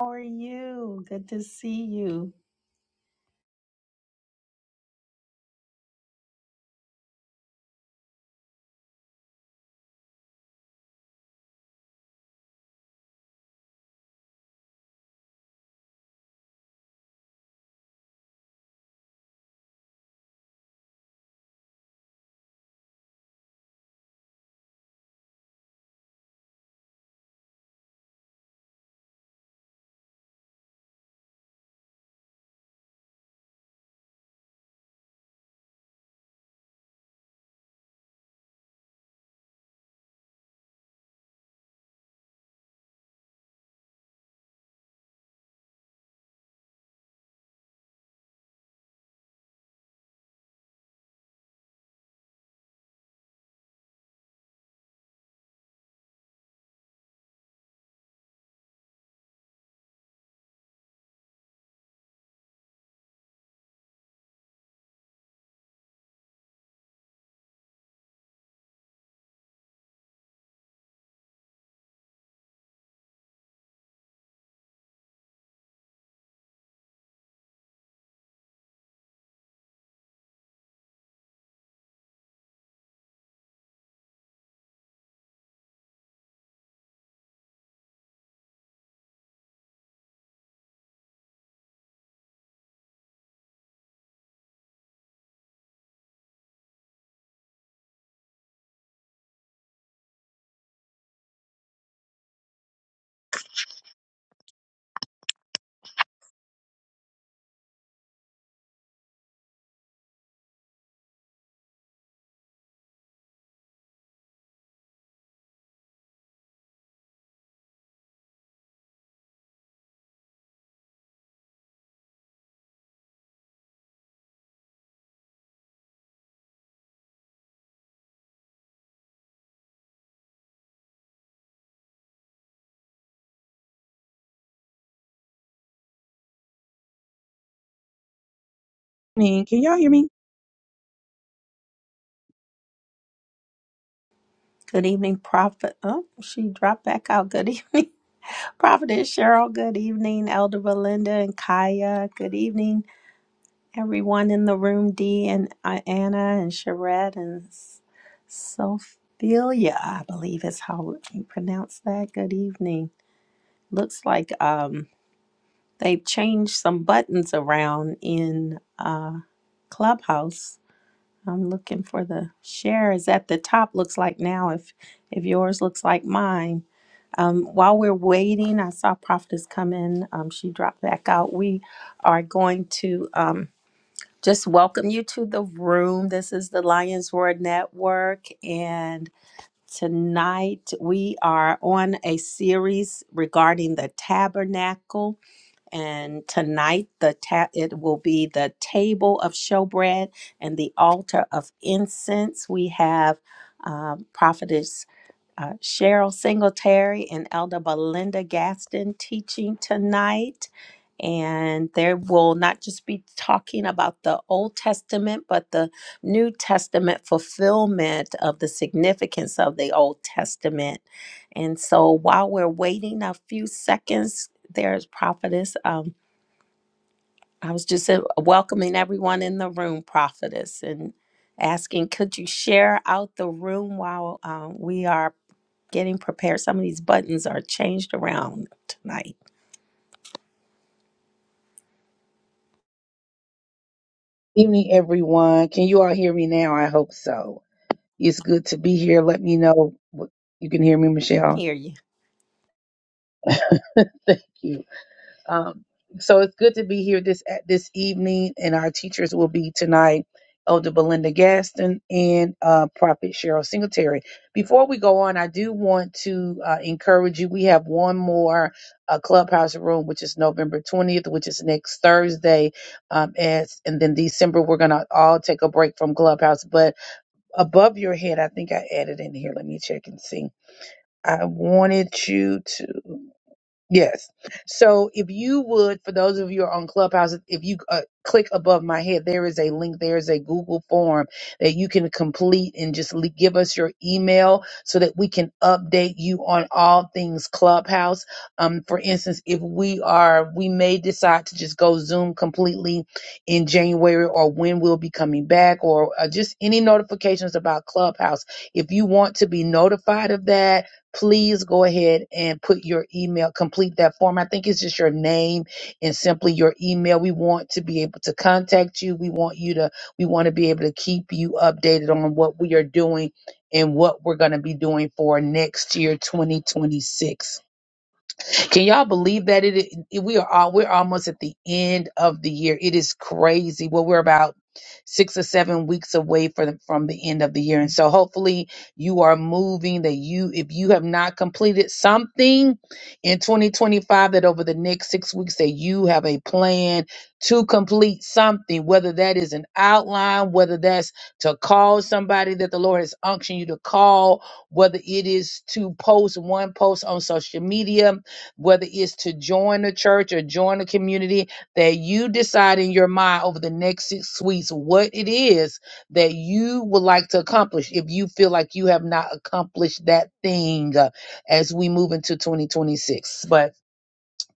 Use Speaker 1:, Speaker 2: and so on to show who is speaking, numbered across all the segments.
Speaker 1: How are you? Good to see you.
Speaker 2: Evening. Can y'all hear me?
Speaker 1: Good evening, Prophet. Oh, she dropped back out. Good evening, Prophetess Cheryl. Good evening, Elder Belinda and Kaya. Good evening, everyone in the room. Dee and uh, Anna and Sherette and S- Sophia, I believe is how you pronounce that. Good evening. Looks like um they've changed some buttons around in uh Clubhouse I'm looking for the shares at the top. Looks like now, if if yours looks like mine. Um, while we're waiting, I saw Prophetess come in. Um, she dropped back out. We are going to um, just welcome you to the room. This is the Lions Roar Network, and tonight we are on a series regarding the tabernacle. And tonight, the ta- it will be the table of showbread and the altar of incense. We have um, Prophet uh, Cheryl Singletary and Elder Belinda Gaston teaching tonight. And they will not just be talking about the Old Testament, but the New Testament fulfillment of the significance of the Old Testament. And so while we're waiting a few seconds, there's Prophetess. Um, I was just uh, welcoming everyone in the room, Prophetess, and asking, could you share out the room while um, we are getting prepared. Some of these buttons are changed around tonight.
Speaker 2: Evening, everyone. Can you all hear me now? I hope so. It's good to be here. Let me know what you can hear me, Michelle.
Speaker 1: Hear you.
Speaker 2: Thank you. Um, so it's good to be here this at this evening, and our teachers will be tonight, Elder Belinda Gaston and uh, Prophet Cheryl Singletary. Before we go on, I do want to uh, encourage you. We have one more uh, clubhouse room, which is November twentieth, which is next Thursday, um, as and then December we're gonna all take a break from clubhouse. But above your head, I think I added in here. Let me check and see. I wanted you to. Yes. So if you would, for those of you who are on Clubhouse, if you uh, click above my head, there is a link, there is a Google form that you can complete and just le- give us your email so that we can update you on all things Clubhouse. Um, for instance, if we are, we may decide to just go Zoom completely in January or when we'll be coming back or uh, just any notifications about Clubhouse. If you want to be notified of that, please go ahead and put your email, complete that form. I think it's just your name and simply your email. We want to be able to contact you. We want you to, we want to be able to keep you updated on what we are doing and what we're going to be doing for next year, 2026. Can y'all believe that it, it- we are all we're almost at the end of the year. It is crazy. Well, we're about six or seven weeks away from from the end of the year, and so hopefully you are moving. That you, if you have not completed something in 2025, that over the next six weeks that you have a plan to complete something, whether that is an outline, whether that's to call somebody that the Lord has unctioned you to call, whether it is to post one post on social media whether it's to join a church or join a community, that you decide in your mind over the next six weeks what it is that you would like to accomplish if you feel like you have not accomplished that thing uh, as we move into 2026. but.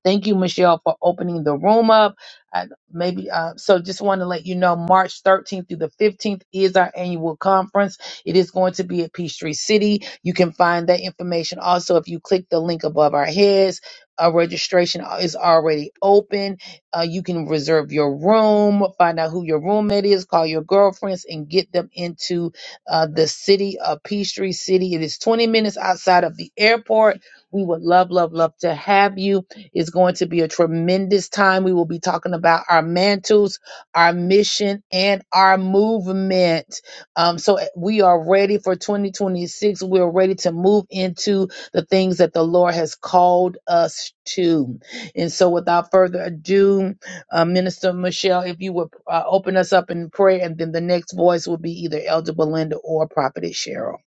Speaker 2: Thank you, Michelle, for opening the room up. I, maybe uh, so. Just want to let you know, March 13th through the 15th is our annual conference. It is going to be at Peachtree City. You can find that information also if you click the link above our heads. Our registration is already open. Uh, you can reserve your room, find out who your roommate is, call your girlfriends, and get them into uh, the city of Peachtree City. It is 20 minutes outside of the airport. We would love, love, love to have you. It's going to be a tremendous time. We will be talking about our mantles, our mission, and our movement. Um, so eh, we are ready for 2026. We are ready to move into the things that the Lord has called us to. And so, without further ado, uh, Minister Michelle, if you would uh, open us up in prayer, and then the next voice will be either Elder Belinda or Prophetess Cheryl.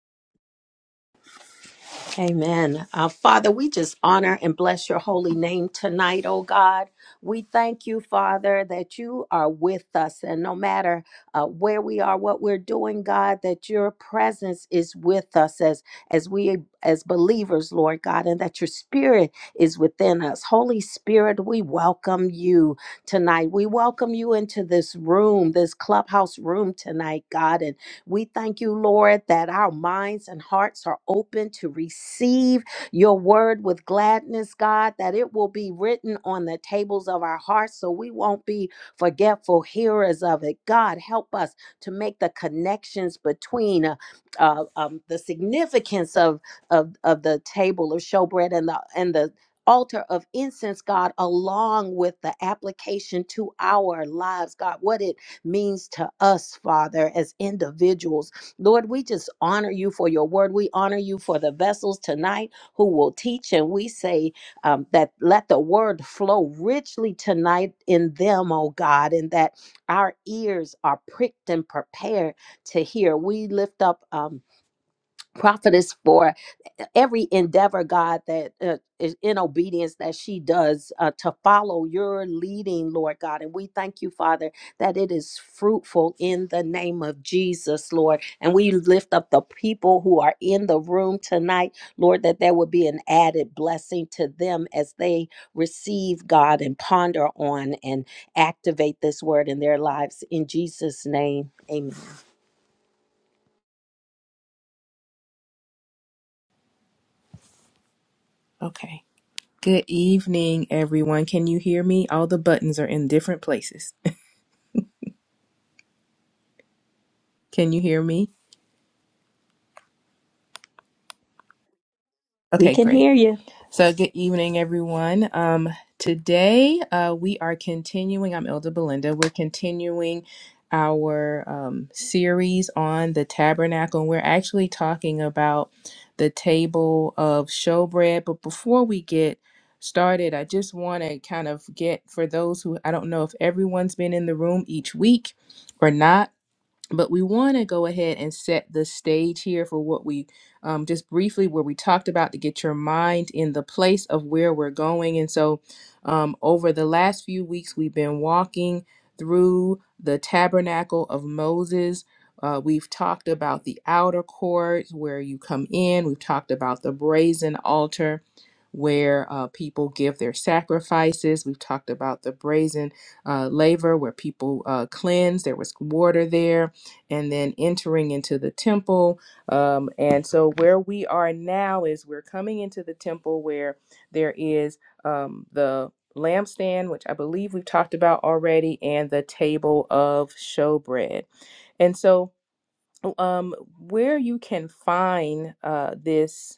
Speaker 1: Amen. Uh, Father, we just honor and bless your holy name tonight, oh God. We thank you, Father, that you are with us. And no matter uh, where we are, what we're doing, God, that your presence is with us as, as we, as believers, Lord God, and that your spirit is within us. Holy Spirit, we welcome you tonight. We welcome you into this room, this clubhouse room tonight, God. And we thank you, Lord, that our minds and hearts are open to receive your word with gladness, God, that it will be written on the tables of our hearts so we won't be forgetful hearers of it. God, help us to make the connections between uh, uh, um, the significance of, of, of the table of showbread and the, and the altar of incense, God, along with the application to our lives, God, what it means to us, Father, as individuals. Lord, we just honor you for your word. We honor you for the vessels tonight who will teach. And we say um, that let the word flow richly tonight in them, oh God, and that our ears are pricked and prepared to hear. We lift up. Um, prophetess for every endeavor god that uh, is in obedience that she does uh, to follow your leading lord god and we thank you father that it is fruitful in the name of jesus lord and we lift up the people who are in the room tonight lord that there would be an added blessing to them as they receive god and ponder on and activate this word in their lives in jesus name amen
Speaker 3: Okay. Good evening, everyone. Can you hear me? All the buttons are in different places. Can you hear me?
Speaker 1: we
Speaker 3: Okay,
Speaker 1: can
Speaker 3: great.
Speaker 1: hear you
Speaker 3: So, good evening, everyone. Um, today, uh, we are continuing. I'm Elder Belinda. We're continuing our um, series on the tabernacle, and we're actually talking about the table of showbread. But before we get started, I just want to kind of get for those who I don't know if everyone's been in the room each week or not but we want to go ahead and set the stage here for what we um, just briefly where we talked about to get your mind in the place of where we're going and so um, over the last few weeks we've been walking through the tabernacle of moses uh, we've talked about the outer courts where you come in we've talked about the brazen altar where uh, people give their sacrifices. We've talked about the brazen uh, laver where people uh, cleanse. There was water there, and then entering into the temple. Um, and so, where we are now is we're coming into the temple where there is um, the lampstand, which I believe we've talked about already, and the table of showbread. And so, um, where you can find uh, this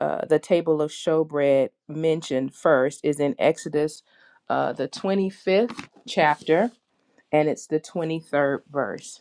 Speaker 3: uh, the table of showbread mentioned first is in Exodus, uh, the 25th chapter, and it's the 23rd verse.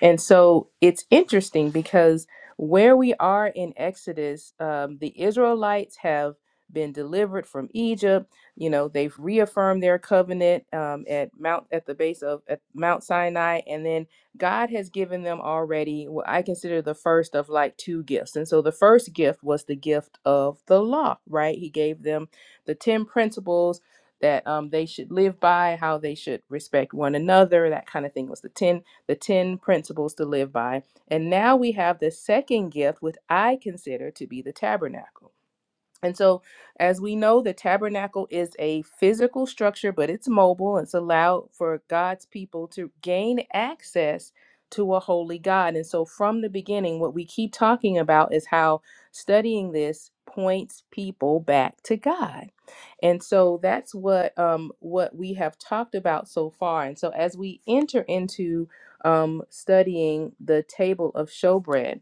Speaker 3: And so it's interesting because where we are in Exodus, um, the Israelites have been delivered from Egypt. You know, they've reaffirmed their covenant um, at Mount at the base of at Mount Sinai, and then God has given them already what I consider the first of like two gifts. And so the first gift was the gift of the law, right? He gave them the ten principles that um, they should live by, how they should respect one another, that kind of thing was the ten the 10 principles to live by. And now we have the second gift, which I consider to be the tabernacle. And so, as we know, the tabernacle is a physical structure, but it's mobile. It's allowed for God's people to gain access to a holy God. And so, from the beginning, what we keep talking about is how studying this points people back to God and so that's what um, what we have talked about so far. And so as we enter into um, studying the table of showbread,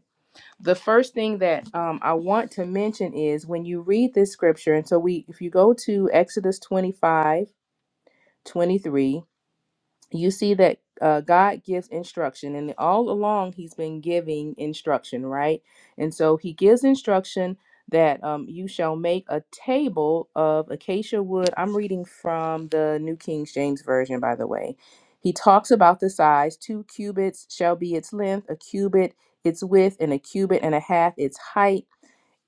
Speaker 3: the first thing that um, I want to mention is when you read this scripture. And so we, if you go to Exodus 25 23 you see that uh, God gives instruction, and all along He's been giving instruction, right? And so He gives instruction that um, you shall make a table of acacia wood. I'm reading from the New King James Version, by the way. He talks about the size two cubits shall be its length, a cubit its width, and a cubit and a half its height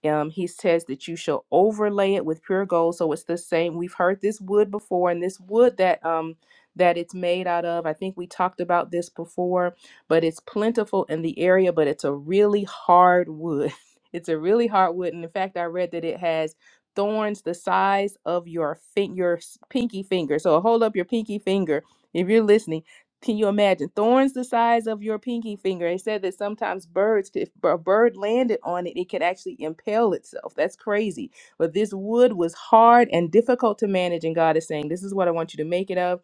Speaker 3: um, he says that you shall overlay it with pure gold. So it's the same. We've heard this wood before, and this wood that um that it's made out of. I think we talked about this before, but it's plentiful in the area, but it's a really hard wood. It's a really hard wood, and in fact, I read that it has thorns the size of your fin- your s- pinky finger. So hold up your pinky finger if you're listening can you imagine thorns the size of your pinky finger? It said that sometimes birds, if a bird landed on it, it could actually impale itself. That's crazy. But this wood was hard and difficult to manage, and God is saying, "This is what I want you to make it of,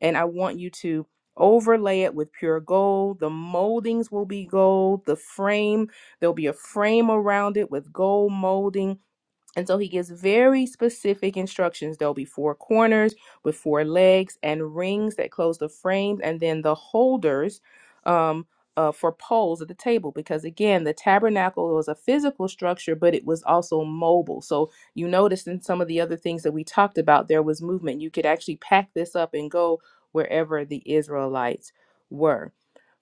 Speaker 3: and I want you to." Overlay it with pure gold. The moldings will be gold. The frame, there'll be a frame around it with gold molding and so he gives very specific instructions. There'll be four corners with four legs and rings that close the frames, and then the holders um, uh, for poles at the table. Because again, the tabernacle was a physical structure, but it was also mobile. So you notice in some of the other things that we talked about, there was movement. You could actually pack this up and go wherever the Israelites were.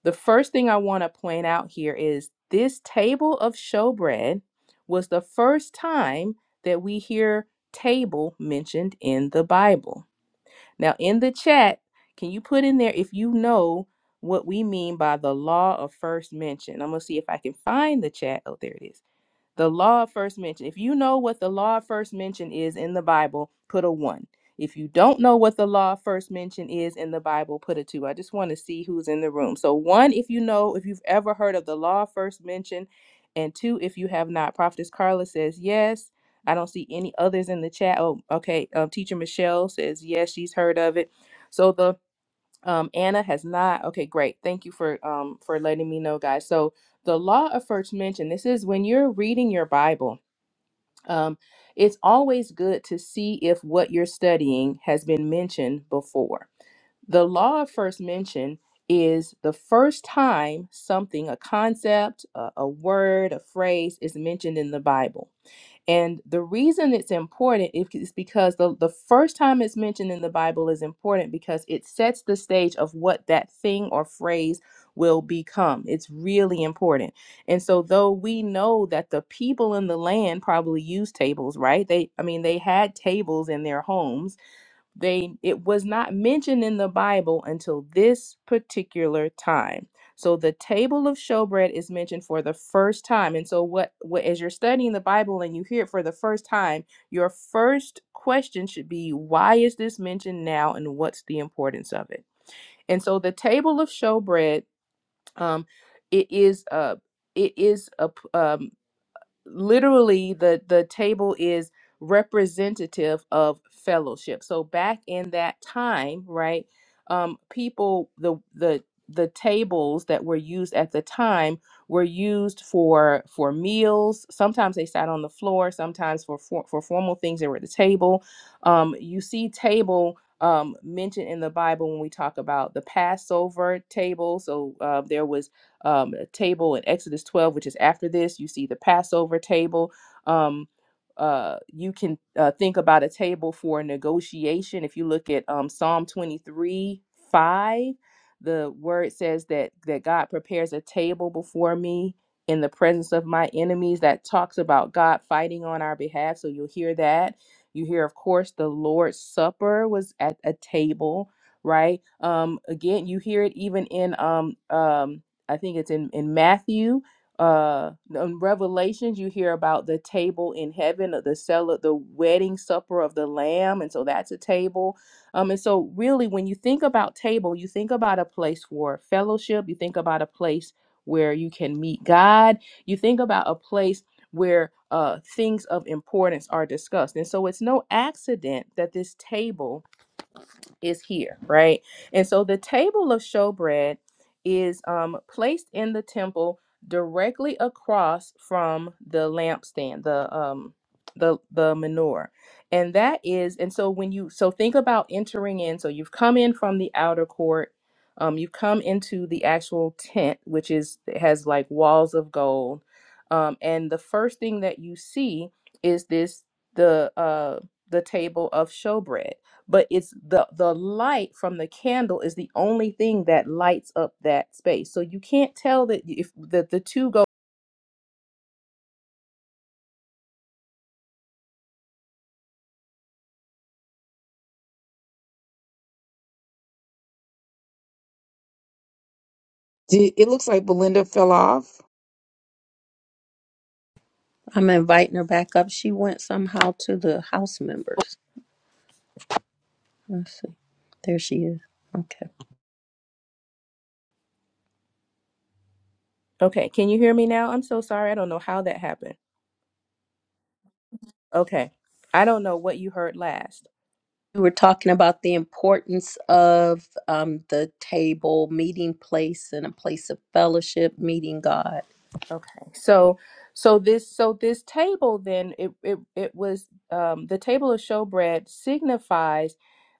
Speaker 3: The first thing I want to point out here is this table of showbread was the first time that we hear table mentioned in the Bible. Now, in the chat, can you put in there if you know what we mean by the law of first mention? I'm going to see if I can find the chat. Oh, there it is. The law of first mention. If you know what the law of first mention is in the Bible, put a one. If you don't know what the law of first mention is in the Bible, put a two. I just want to see who's in the room. So, one, if you know, if you've ever heard of the law of first mention, and two, if you have not. Prophetess Carla says yes. I don't see any others in the chat. Oh, okay. Um, Teacher Michelle says yes, she's heard of it. So, the um, Anna has not. Okay, great. Thank you for um for letting me know, guys. So the law of first mention. This is when you're reading your Bible. Um, it's always good to see if what you're studying has been mentioned before. The law of first mention is the first time something, a concept, a, a word, a phrase, is mentioned in the Bible. And the reason it's important is because the, the first time it's mentioned in the Bible is important because it sets the stage of what that thing or phrase will become. It's really important. And so though we know that the people in the land probably used tables, right? They I mean they had tables in their homes they it was not mentioned in the bible until this particular time so the table of showbread is mentioned for the first time and so what, what as you're studying the bible and you hear it for the first time your first question should be why is this mentioned now and what's the importance of it and so the table of showbread um it is a it is a p- um, literally the the table is representative of fellowship so back in that time right um people the the the tables that were used at the time were used for for meals sometimes they sat on the floor sometimes for for, for formal things they were at the table um you see table um mentioned in the bible when we talk about the passover table so uh, there was um, table in Exodus 12, which is after this. You see the Passover table. Um, uh, you can uh, think about a table for negotiation. If you look at um, Psalm 23 5, the word says that, that God prepares a table before me in the presence of my enemies. That talks about God fighting on our behalf. So you'll hear that. You hear, of course, the Lord's Supper was at a table, right? Um, again, you hear it even in um, um, I think it's in in Matthew, uh, in Revelations, you hear about the table in heaven, uh, the cell, the wedding supper of the Lamb, and so that's a table. Um, and so really, when you think about table, you think about a place for fellowship. You think about a place where you can meet God. You think about a place where uh, things of importance are discussed. And so it's no accident that this table is here, right? And so the table of showbread is um, placed in the temple directly across from the lampstand, the um, the the menorah, and that is. And so when you so think about entering in, so you've come in from the outer court. Um, you've come into the actual tent, which is it has like walls of gold, um, and the first thing that you see is this the uh, the table of showbread but it's the the light from the candle is the only thing that lights up that space so you can't tell that if that the two go
Speaker 2: Did, it looks like Belinda fell off.
Speaker 1: I'm inviting her back up. She went somehow to the house members. Let's see. There she is. Okay.
Speaker 3: okay can you hear me now i'm so sorry i don't know how that happened okay i don't know what you heard last
Speaker 1: We were talking about the importance of um, the table, meeting place, and a place of fellowship, meeting God.
Speaker 3: Okay. So so this so this table then it it, it was um the table of showbread signifies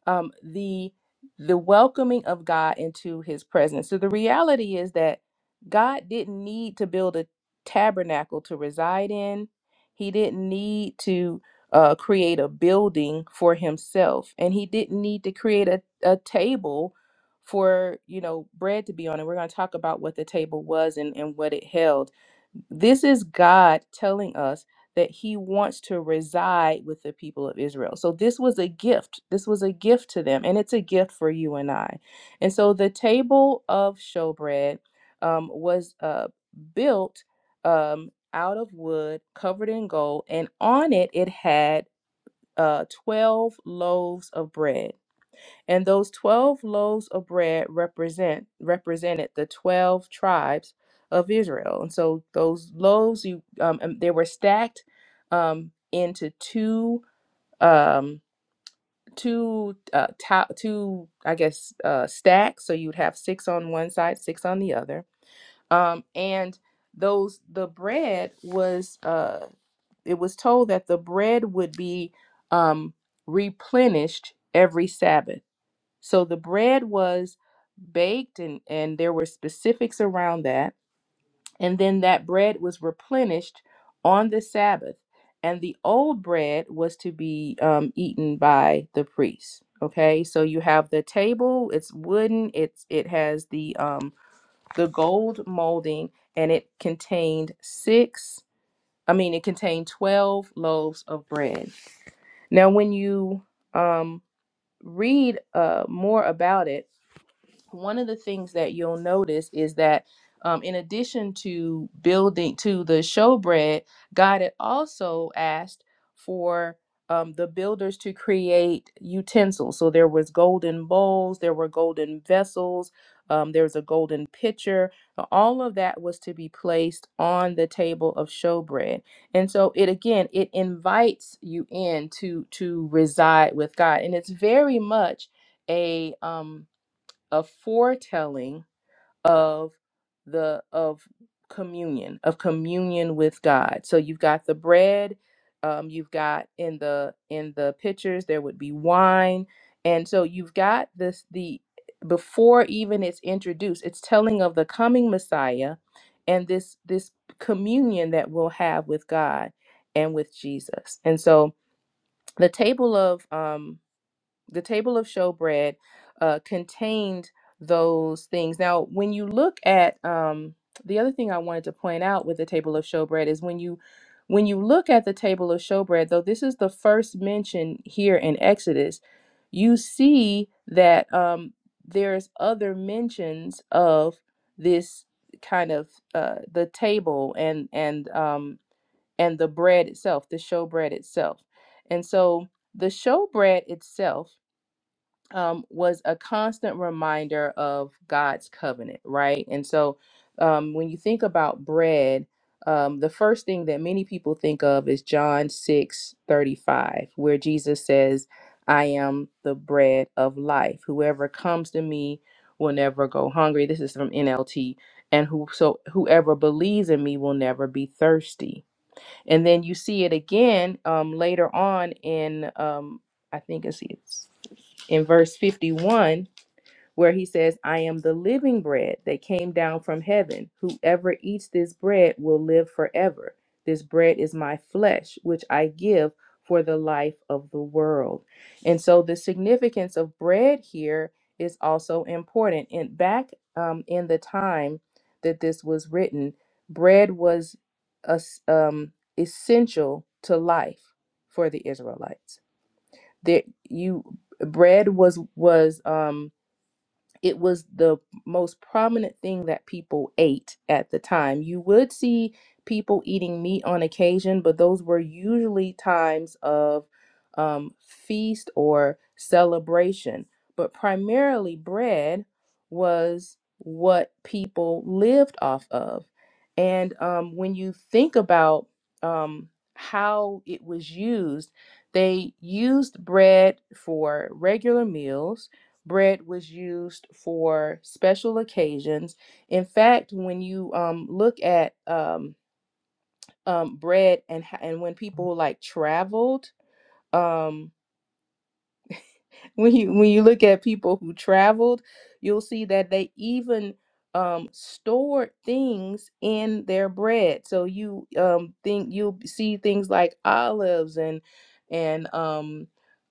Speaker 3: um the the welcoming of God into his presence. So the reality is that God didn't need to build a tabernacle to reside in. He didn't need to uh, create a building for himself, and he didn't need to create a, a table for you know bread to be on. And we're going to talk about what the table was and, and what it held this is God telling us that he wants to reside with the people of Israel. So this was a gift. This was a gift to them, and it's a gift for you and I. And so the table of showbread um, was uh, built um, out of wood, covered in gold, and on it it had uh, 12 loaves of bread. And those 12 loaves of bread represent represented the 12 tribes of Israel. And so those loaves you um, um, they were stacked um, into two um two uh to, two I guess uh stacks so you'd have six on one side, six on the other. Um and those the bread was uh it was told that the bread would be um replenished every Sabbath. So the bread was baked and, and there were specifics around that. And then that bread was replenished on the Sabbath. And the old bread was to be um, eaten by the priest. Okay, so you have the table, it's wooden, it's it has the um the gold molding, and it contained six, I mean it contained twelve loaves of bread. Now when you um read uh more about it, one of the things that you'll notice is that um, in addition to building to the showbread, God had also asked for um, the builders to create utensils. So there was golden bowls, there were golden vessels, um, there was a golden pitcher. Uh, All of that was to be placed on the table of showbread, and so it again it invites you in to to reside with God, and it's very much a um, a foretelling of the of communion of communion with god so you've got the bread um, you've got in the in the pitchers. there would be wine and so you've got this the before even it's introduced it's telling of the coming messiah and this this communion that we'll have with god and with jesus and so the table of um the table of showbread uh, contained those things. Now, when you look at um, the other thing I wanted to point out with the table of showbread is when you when you look at the table of showbread, though this is the first mention here in Exodus, you see that um, there's other mentions of this kind of uh, the table and and um, and the bread itself, the showbread itself, and so the showbread itself um, was a constant reminder of God's covenant, right? And so um, when you think about bread, um, the first thing that many people think of is John 6 35, where Jesus says, I am the bread of life. Whoever comes to me will never go hungry. This is from NLT. And who, so whoever believes in me will never be thirsty. And then you see it again um, later on in, um, I think it's in verse 51 where he says, I am the living bread that came down from heaven. Whoever eats this bread will live forever. This bread is my flesh, which I give for the life of the world. And so the significance of bread here is also important. And back um, in the time that this was written, bread was es- um, essential to life for the Israelites that you bread was was um it was the most prominent thing that people ate at the time. You would see people eating meat on occasion, but those were usually times of um, feast or celebration. But primarily, bread was what people lived off of. And um, when you think about um, how it was used, they used bread for regular meals bread was used for special occasions. In fact, when you um, look at um, um, bread and and when people like traveled, um when you when you look at people who traveled, you'll see that they even um, stored things in their bread. So you um, think you'll see things like olives and and um,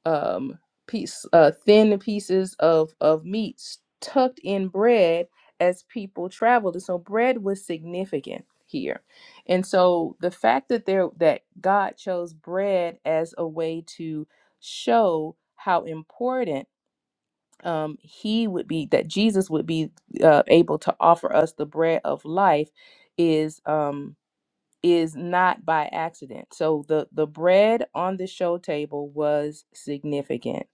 Speaker 3: um, piece uh, thin pieces of of meats tucked in bread as people traveled. And so bread was significant here. And so the fact that there that God chose bread as a way to show how important um, he would be, that Jesus would be uh, able to offer us the bread of life, is um, is not by accident. So the the bread on the show table was significant.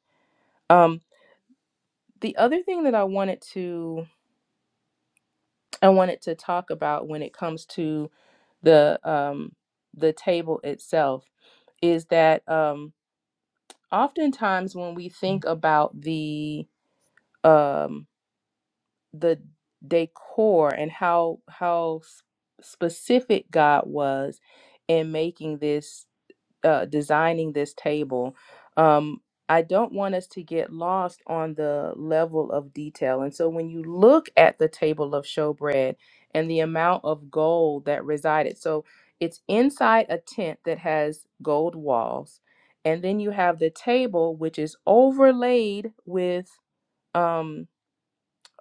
Speaker 3: Um, the other thing that I wanted to I wanted to talk about when it comes to the um, the table itself is that um, oftentimes when we think about the um, the decor and how how s- specific God was in making this uh, designing this table. Um, I don't want us to get lost on the level of detail. And so when you look at the table of showbread and the amount of gold that resided, so it's inside a tent that has gold walls. And then you have the table, which is overlaid with um,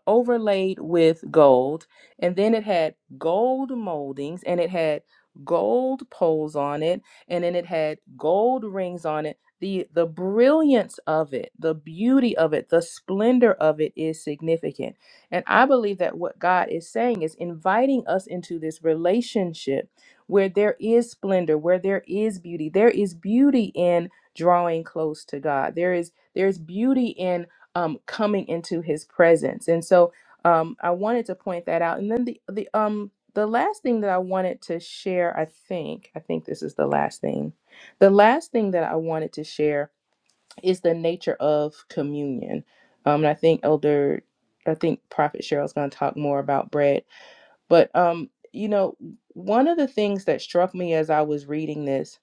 Speaker 3: overlaid with gold. And then it had gold moldings and it had gold poles on it. And then it had gold rings on it. The, the brilliance of it, the beauty of it, the splendor of it is significant. And I believe that what God is saying is inviting us into this relationship where there is splendor, where there is beauty. There is beauty in drawing close to God. There is there's beauty in um, coming into his presence. And so um, I wanted to point that out. And then the the um the last thing that I wanted to share, I think, I think this is the last thing. The last thing that I wanted to share is the nature of communion. Um, and I think Elder, I think Prophet Cheryl's going to talk more about bread. But um, you know, one of the things that struck me as I was reading this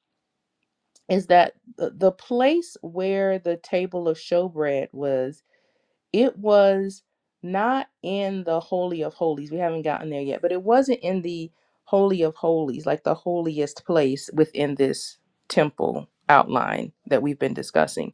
Speaker 3: is that the, the place where the table of showbread was it was not in the holy of holies we haven't gotten there yet but it wasn't in the holy of holies like the holiest place within this temple outline that we've been discussing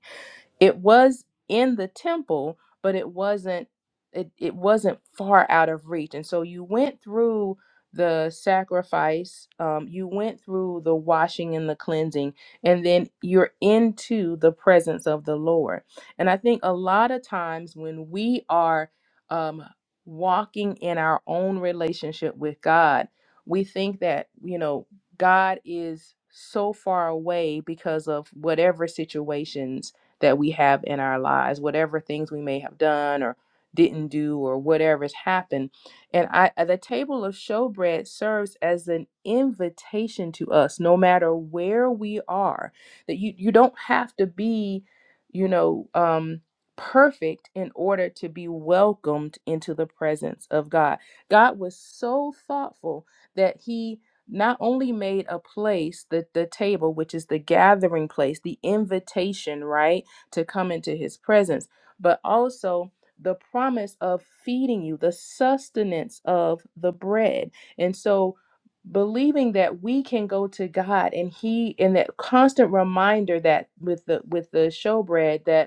Speaker 3: it was in the temple but it wasn't it, it wasn't far out of reach and so you went through the sacrifice um, you went through the washing and the cleansing and then you're into the presence of the lord and i think a lot of times when we are um, walking in our own relationship with god we think that you know god is so far away because of whatever situations that we have in our lives, whatever things we may have done or didn't do or whatever's happened. And I uh, the table of showbread serves as an invitation to us, no matter where we are, that you you don't have to be, you know, um perfect in order to be welcomed into the presence of God. God was so thoughtful that he not only made a place the the table which is the gathering place the invitation right to come into his presence, but also the promise of feeding you, the sustenance of the bread. And so believing that we can go to God and he and that constant reminder that with the with the showbread that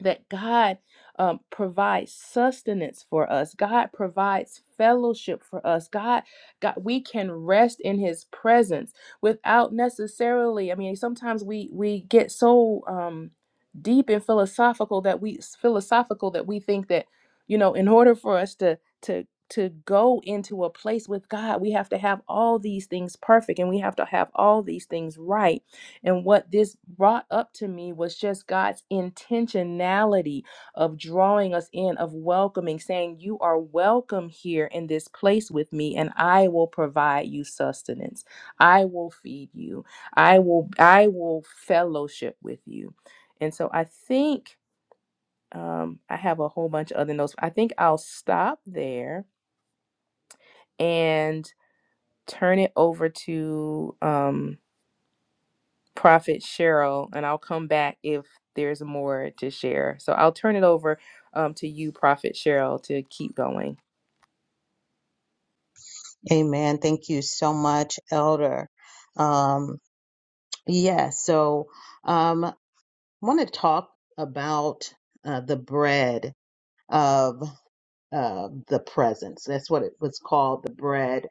Speaker 3: that God um, provides sustenance for us. God provides fellowship for us. God, God, we can rest in His presence without necessarily. I mean, sometimes we we get so um, deep and philosophical that we philosophical that we think that you know, in order for us to to to go into a place with God, we have to have all these things perfect and we have to have all these things right and what this brought up to me was just God's intentionality of drawing us in, of welcoming, saying, You are welcome here in this place with me, and I will provide you sustenance. I will feed you. I will, I will fellowship with you. And so I think um, I have a whole bunch of other notes. I think I'll stop there and turn it over to um, Prophet Cheryl, and I'll come back if there's more to share. So I'll turn it over um, to you, Prophet Cheryl, to keep going.
Speaker 4: Amen. Thank you so much, Elder. Um, yeah, so um, I want to talk about uh, the bread of uh, the presence. That's what it was called, the bread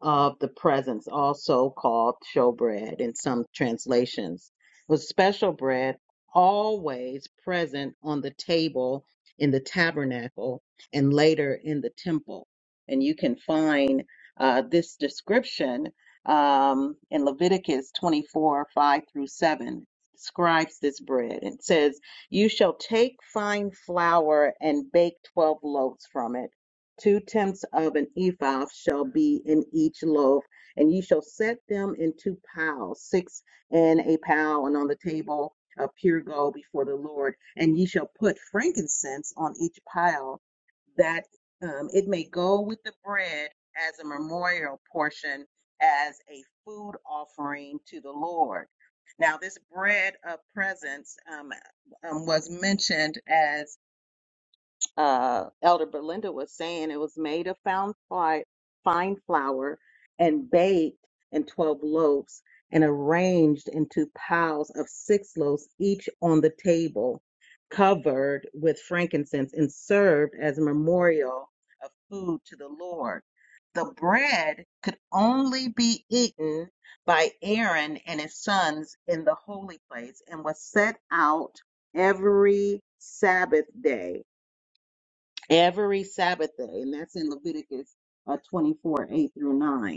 Speaker 4: of the presence, also called showbread in some translations, was special bread always present on the table in the tabernacle and later in the temple. And you can find uh, this description um, in Leviticus 24 5 through 7. Describes this bread It says, You shall take fine flour and bake 12 loaves from it Two tenths of an ephah shall be in each loaf, and ye shall set them in two piles, six in a pile, and on the table of pure gold before the Lord. And ye shall put frankincense on each pile, that um, it may go with the bread as a memorial portion, as a food offering to the Lord. Now, this bread of presence um, um, was mentioned as uh, Elder Belinda was saying, it was made of found fi- fine flour and baked in 12 loaves and arranged into piles of six loaves each on the table, covered with frankincense and served as a memorial of food to the Lord. The bread could only be eaten by Aaron and his sons in the holy place and was set out every Sabbath day every Sabbath day, and that's in Leviticus uh, 24, 8 through 9.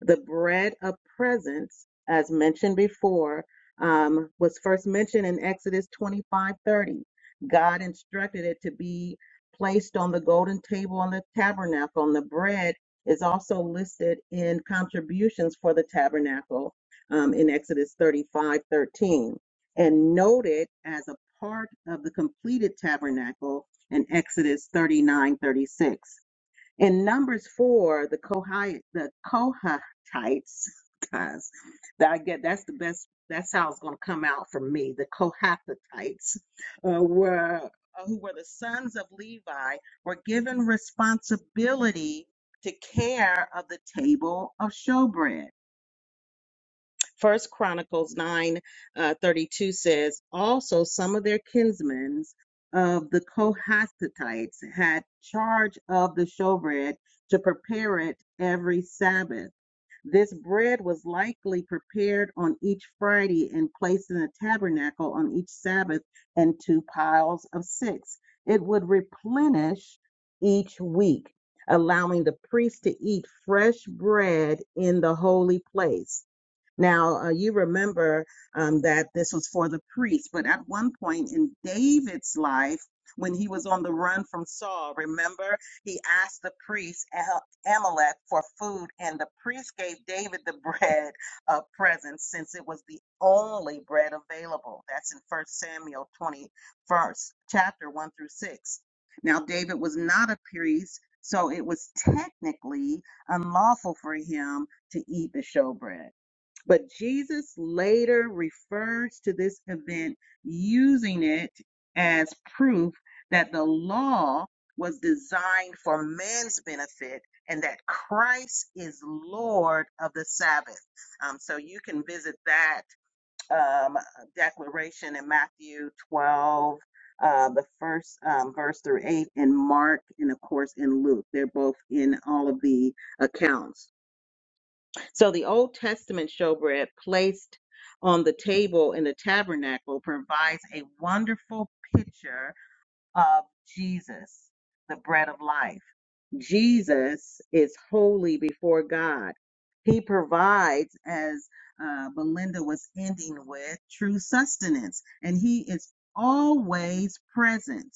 Speaker 4: The bread of presence, as mentioned before, um, was first mentioned in Exodus 25 30. God instructed it to be placed on the golden table on the tabernacle, and the bread is also listed in contributions for the tabernacle um, in Exodus 35 13, and noted as a part of the completed tabernacle in Exodus 39 36. In Numbers four, the Kohite, the Kohatites, guys, that I get that's the best. That's how it's going to come out for me. The Kohathites uh, were uh, who were the sons of Levi were given responsibility to care of the table of showbread. First Chronicles 9 uh, 32 says, Also, some of their kinsmen of the Kohathites had charge of the showbread to prepare it every Sabbath. This bread was likely prepared on each Friday and placed in the tabernacle on each Sabbath And two piles of six. It would replenish each week, allowing the priest to eat fresh bread in the holy place. Now, uh, you remember um, that this was for the priest, but at one point in David's life, when he was on the run from Saul, remember, he asked the priest Ah- Amalek for food, and the priest gave David the bread of presence since it was the only bread available. That's in First Samuel 21st, chapter 1 through 6. Now, David was not a priest, so it was technically unlawful for him to eat the showbread. But Jesus later refers to this event using it as proof that the law was designed for man's benefit and that Christ is Lord of the Sabbath. Um, so you can visit that um, declaration in Matthew 12. Uh, the first um, verse through eight, and Mark, and of course in Luke. They're both in all of the accounts. So the Old Testament showbread placed on the table in the tabernacle provides a wonderful picture of Jesus, the bread of life. Jesus is holy before God. He provides, as uh, Belinda was ending with, true sustenance, and He is always present.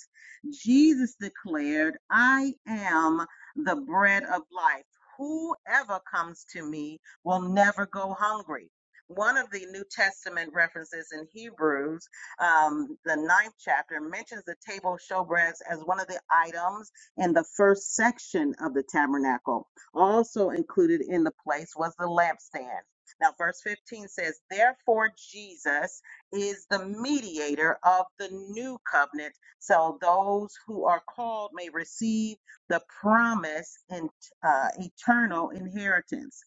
Speaker 4: Jesus declared, I am the bread of life. Whoever comes to me will never go hungry. One of the New Testament references in Hebrews, um, the ninth chapter, mentions the table of showbreads as one of the items in the first section of the tabernacle. Also included in the place was the lampstand. Now, verse 15 says, Therefore, Jesus is the mediator of the new covenant, so those who are called may receive the promise and uh, eternal inheritance.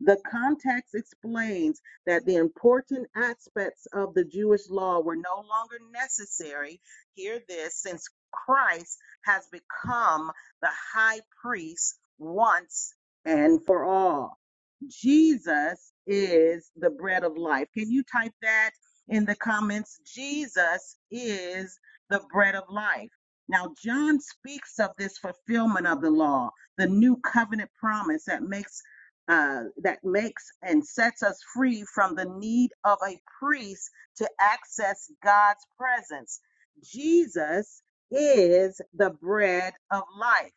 Speaker 4: The context explains that the important aspects of the Jewish law were no longer necessary. Hear this, since Christ has become the high priest once and for all. Jesus is the bread of life. Can you type that in the comments? Jesus is the bread of life. Now, John speaks of this fulfillment of the law, the new covenant promise that makes uh, that makes and sets us free from the need of a priest to access God's presence. Jesus is the bread of life.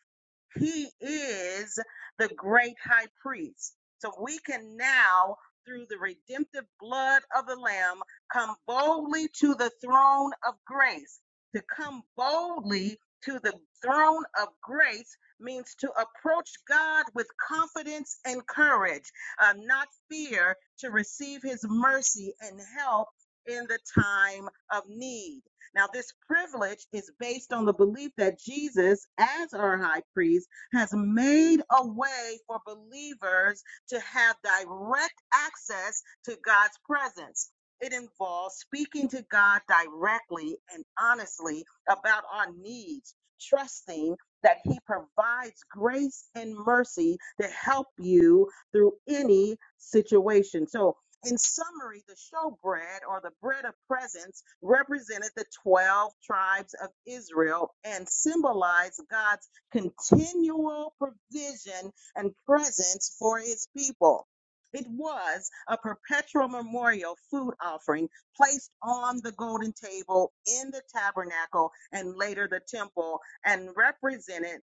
Speaker 4: He is the great high priest. So we can now, through the redemptive blood of the Lamb, come boldly to the throne of grace. To come boldly to the throne of grace means to approach God with confidence and courage, uh, not fear, to receive his mercy and help in the time of need. Now, this privilege is based on the belief that Jesus, as our high priest, has made a way for believers to have direct access to God's presence. It involves speaking to God directly and honestly about our needs, trusting that He provides grace and mercy to help you through any situation. So, in summary, the showbread or the bread of presence represented the 12 tribes of Israel and symbolized God's continual provision and presence for his people. It was a perpetual memorial food offering placed on the golden table in the tabernacle and later the temple and represented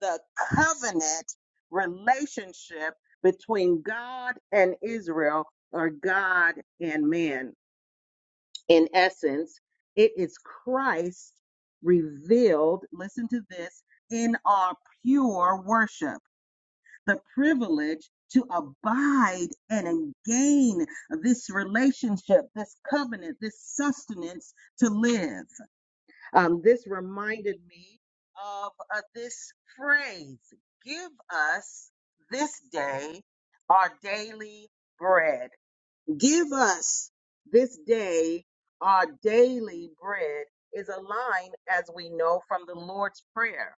Speaker 4: the covenant relationship between God and Israel or God and man. In essence, it is Christ revealed, listen to this, in our pure worship, the privilege to abide and gain this relationship, this covenant, this sustenance to live. Um, this reminded me of uh, this phrase give us this day our daily bread. Give us this day our daily bread is a line, as we know, from the Lord's Prayer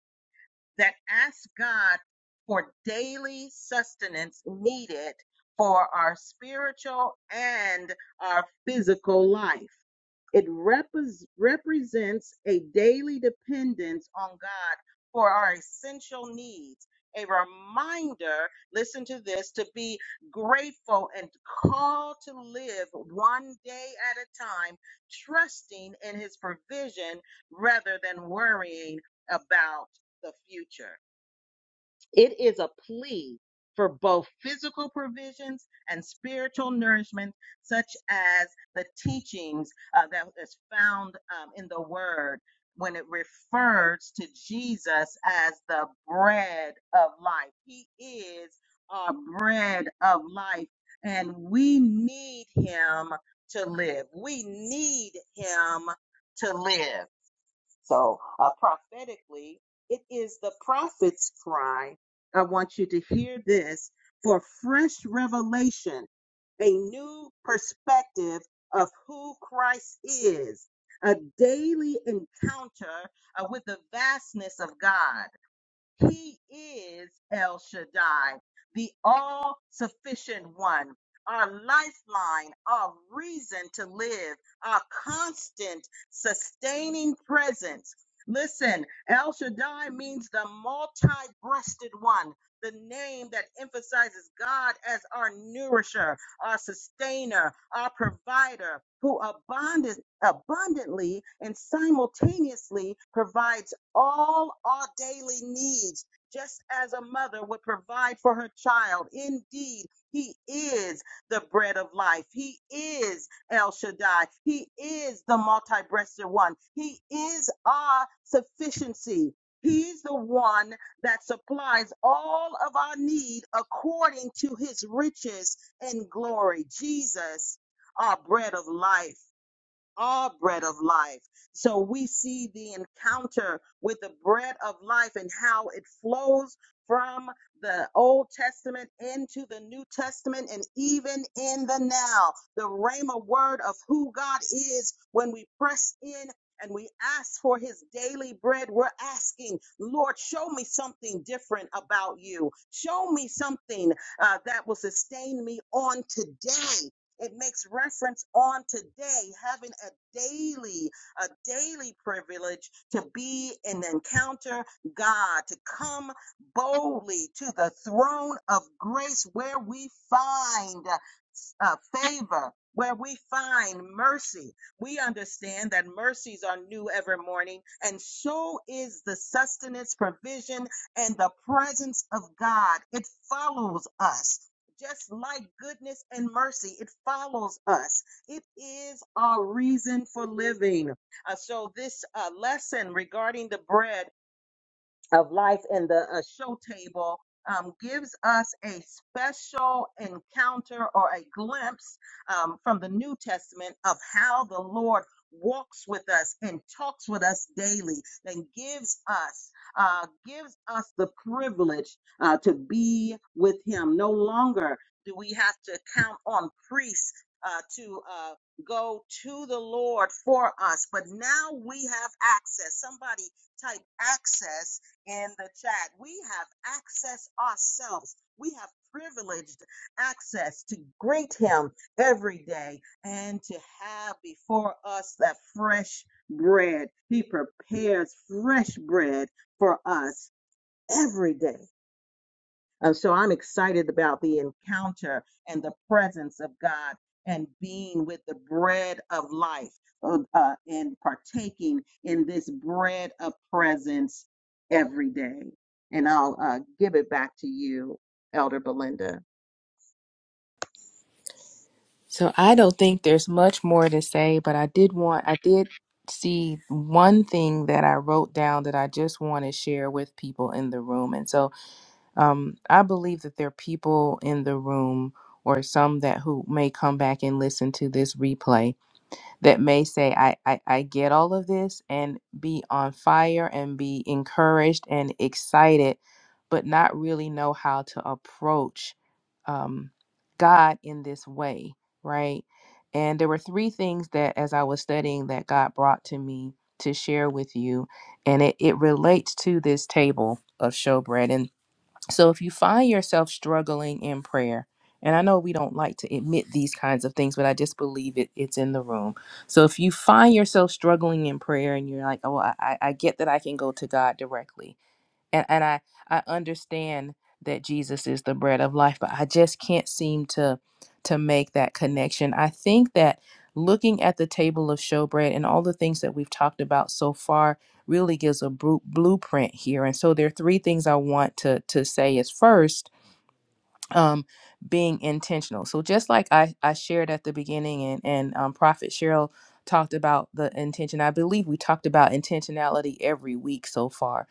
Speaker 4: that ask God for daily sustenance needed for our spiritual and our physical life. It repres represents a daily dependence on God for our essential needs. A reminder, listen to this, to be grateful and called to live one day at a time, trusting in His provision rather than worrying about the future. It is a plea for both physical provisions and spiritual nourishment, such as the teachings uh, that is found um, in the Word when it refers to Jesus as the bread of life. He is our bread of life, and we need Him to live. We need Him to live. So, uh, prophetically, it is the prophet's cry. I want you to hear this for fresh revelation, a new perspective of who Christ is, a daily encounter uh, with the vastness of God. He is El Shaddai, the all sufficient one, our lifeline, our reason to live, our constant sustaining presence. Listen, El Shaddai means the multi breasted one, the name that emphasizes God as our nourisher, our sustainer, our provider, who abundant, abundantly and simultaneously provides all our daily needs, just as a mother would provide for her child. Indeed, He is the bread of life. He is El Shaddai. He is the multi breasted one. He is our sufficiency. He's the one that supplies all of our need according to his riches and glory. Jesus, our bread of life all bread of life. So we see the encounter with the bread of life and how it flows from the Old Testament into the New Testament and even in the now. The Rhema word of who God is when we press in. And we ask for his daily bread. We're asking, Lord, show me something different about you. Show me something uh, that will sustain me on today. It makes reference on today, having a daily, a daily privilege to be and encounter God, to come boldly to the throne of grace where we find uh, favor, where we find mercy. We understand that mercies are new every morning, and so is the sustenance, provision, and the presence of God. It follows us just like goodness and mercy, it follows us. It is our reason for living. Uh, so, this uh, lesson regarding the bread of life in the uh, show table um, gives us a special encounter or a glimpse um, from the New Testament of how the Lord walks with us and talks with us daily and gives us uh, gives us the privilege uh, to be with him no longer do we have to count on priests uh, to uh, go to the Lord for us but now we have access somebody type access in the chat. We have access ourselves. We have privileged access to greet him every day and to have before us that fresh bread. He prepares fresh bread for us every day. Uh, so I'm excited about the encounter and the presence of God and being with the bread of life uh, uh, and partaking in this bread of presence every day. And I'll uh, give it back to you, Elder Belinda.
Speaker 3: So I don't think there's much more to say, but I did want, I did see one thing that I wrote down that I just want to share with people in the room. And so um, I believe that there are people in the room or some that who may come back and listen to this replay that may say, I, I, I get all of this and be on fire and be encouraged and excited, but not really know how to approach um, God in this way, right? And there were three things that, as I was studying, that God brought to me to share with you. And it, it relates to this table of showbread. and. So if you find yourself struggling in prayer, and I know we don't like to admit these kinds of things, but I just believe it, it's in the room. So if you find yourself struggling in prayer and you're like, oh, I, I I get that I can go to God directly, and and I I understand that Jesus is the bread of life, but I just can't seem to to make that connection. I think that looking at the table of showbread and all the things that we've talked about so far really gives a bru- blueprint here. And so there are three things I want to to say is first um, being intentional. So just like I, I shared at the beginning and, and um, Prophet Cheryl talked about the intention, I believe we talked about intentionality every week so far.